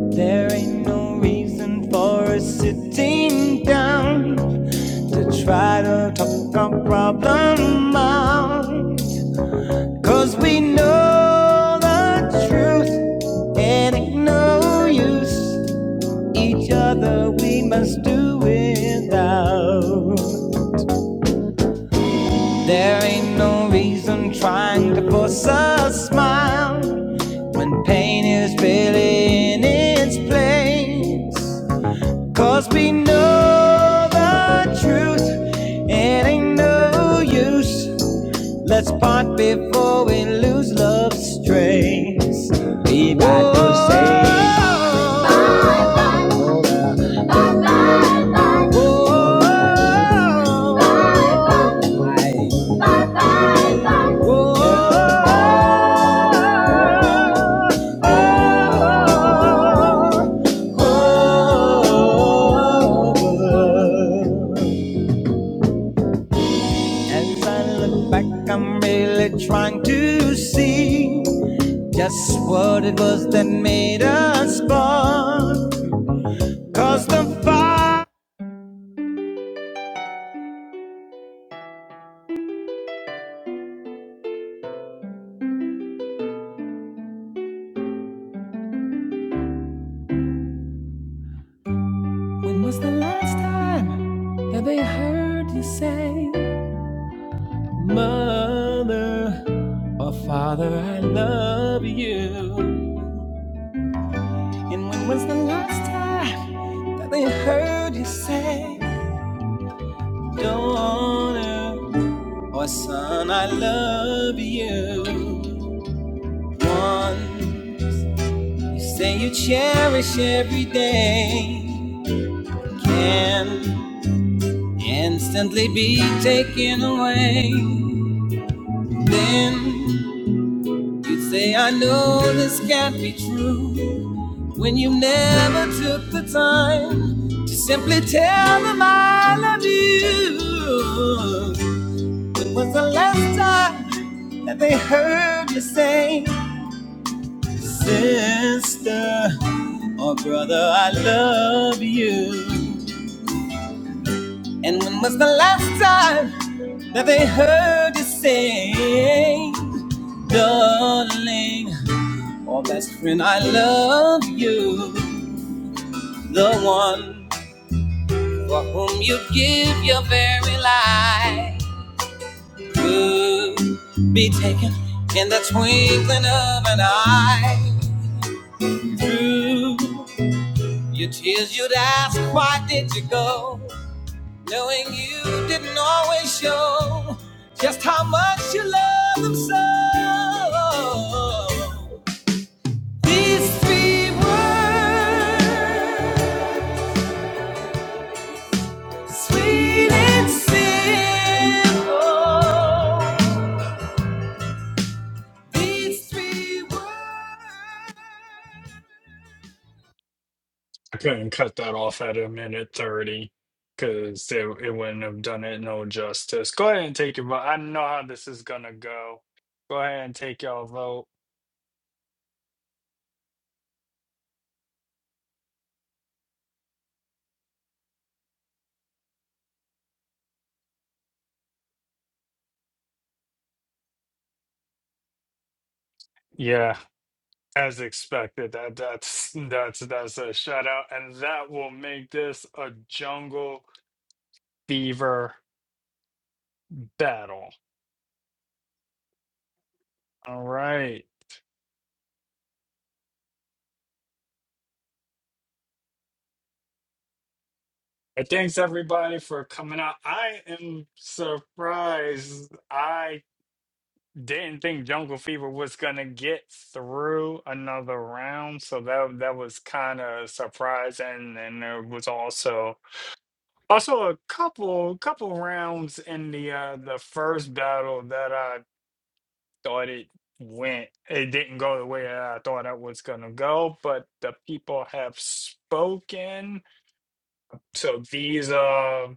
Speaker 2: There ain't no reason for us sitting down to try to talk our problem out. 'Cause we know the truth and ain't no use. Each other we must do without. There ain't no reason trying to force a smile when pain is really in its place. Cause we know the truth, it ain't no use. Let's part before we lose love's trace. We got to say bye bye. Bye bye. Bye bye. Bye bye. As I look back, I'm really trying to see just what it was that made us born. Cause the fire. When was the last time that they heard you say? Mother or father, I love you. And when was the last time that they heard you say, Daughter or son, I love you? One you say you cherish every day can instantly be taken away. Then you say, I know this can't be true. when you never took the time to simply tell them I love you. When was the last time that they heard you say, Sister or brother, I love you? And when was the last time that they heard you say, Darling or best friend, I love you? The one for whom you give your very life could be taken in the twinkling of an eye. Through your tears, you'd ask, Why did you go? Knowing you didn't always show just how much you love them so. These three words, sweet and simple. These three words
Speaker 1: I couldn't cut that off at a minute thirty because it, it wouldn't have done it no justice. Go ahead and take your vote. I know how this is gonna go. Go ahead and take your vote. Yeah, As expected, that that's that's that's a shout out, and that will make this a jungle fever battle. All right. And Thanks everybody for coming out. I am surprised. I didn't think Jungle Fever was gonna get through another round, so that that was kind of surprising. And there was also also a couple couple rounds in the uh the first battle that I thought it went it didn't go the way that I thought it was gonna go, but the people have spoken. So these uh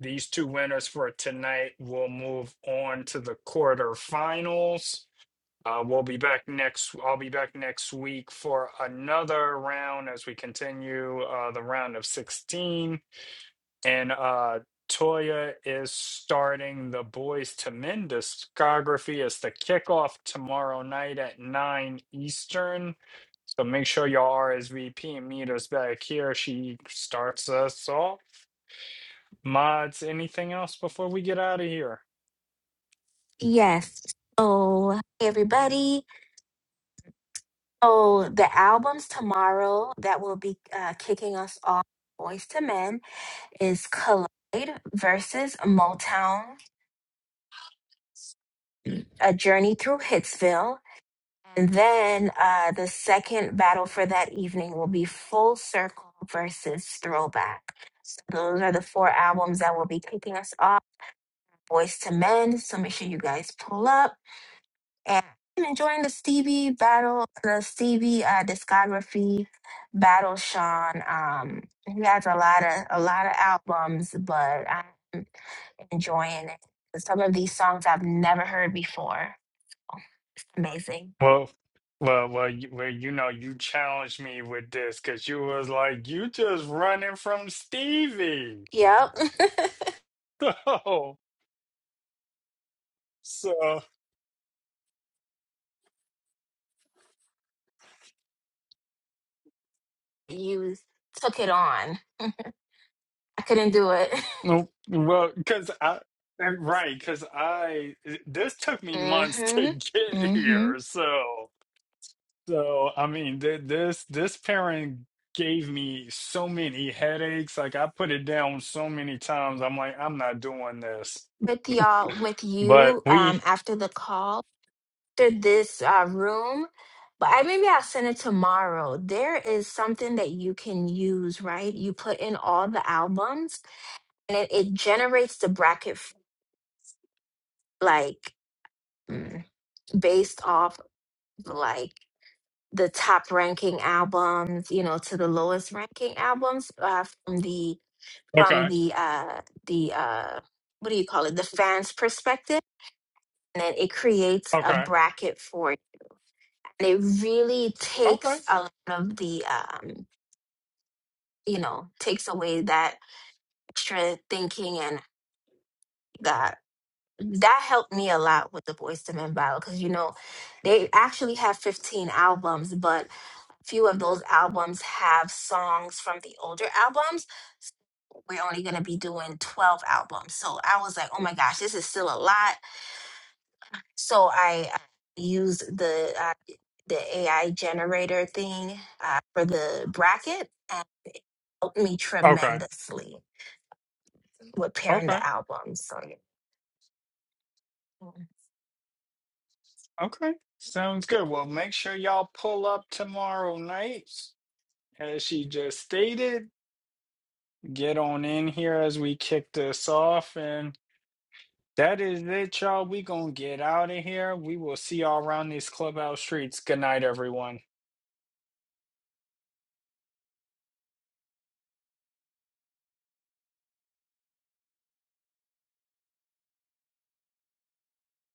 Speaker 1: these two winners for tonight will move on to the quarterfinals. Uh, we'll be back next. I'll be back next week for another round as we continue uh, the round of 16 and uh Toya is starting the Boys to Men discography as the kickoff tomorrow night at 9 Eastern. So make sure y'all RSVP and meet us back here. She starts us off. Mods, anything else before we get out of here?
Speaker 3: Yes. So, hey everybody. So, the albums tomorrow that will be uh, kicking us off, Boys to Men, is Collide versus Motown, A Journey Through Hitsville. And then uh, the second battle for that evening will be Full Circle versus Throwback. Those are the four albums that will be kicking us off. Boys to Men. So, make sure you guys pull up. and I'm enjoying the Stevie battle, the Stevie uh, discography battle. Sean, um, he has a lot of a lot of albums, but I'm enjoying it. Some of these songs I've never heard before. Amazing.
Speaker 1: Well, well, well, you, well, you know, you challenged me with this because you was like, you just running from Stevie.
Speaker 3: Yep,
Speaker 1: So, so.
Speaker 3: you took it on. I couldn't do it.
Speaker 1: No, well, because I, and right, because I, this took me months to
Speaker 3: Mhm.
Speaker 1: get
Speaker 3: Mhm.
Speaker 1: here. So, so I mean, th this this parent gave me so many headaches. Like I put it down so many times. I'm like, I'm not doing this.
Speaker 3: With y'all, with
Speaker 1: But
Speaker 3: you,
Speaker 1: we,
Speaker 3: um, after the call. to this uh, room, but I, maybe I'll send it tomorrow. There is something that you can use, right? You put in all the albums, and it, it generates the bracket f- like mm, based off like the top ranking albums, you know, to the lowest ranking albums uh, from the from
Speaker 1: okay,
Speaker 3: the uh the uh what do you call it the fans perspective and then it creates a
Speaker 1: okay,
Speaker 3: bracket for it and it really
Speaker 1: okay,
Speaker 3: takes a lot of the um you know, takes away that extra thinking and that that helped me a lot with the Boys to Men battle because you know they actually have 15 albums, but few of those albums have songs from the older albums. We're only gonna be doing 12 albums, so I was like, oh my gosh, this is still a lot. So I uh, used the uh, the AI generator thing uh, for the bracket and helped me
Speaker 1: okay,
Speaker 3: tremendously with pairing
Speaker 1: okay,
Speaker 3: the albums. So yeah.
Speaker 1: okay. Sounds good. Well, make sure y'all pull up tomorrow night, as she just stated. get on in here as we kick this off. And that is it, y'all. We gonna get out of here. We will see y'all around these clubhouse streets. Good night, everyone.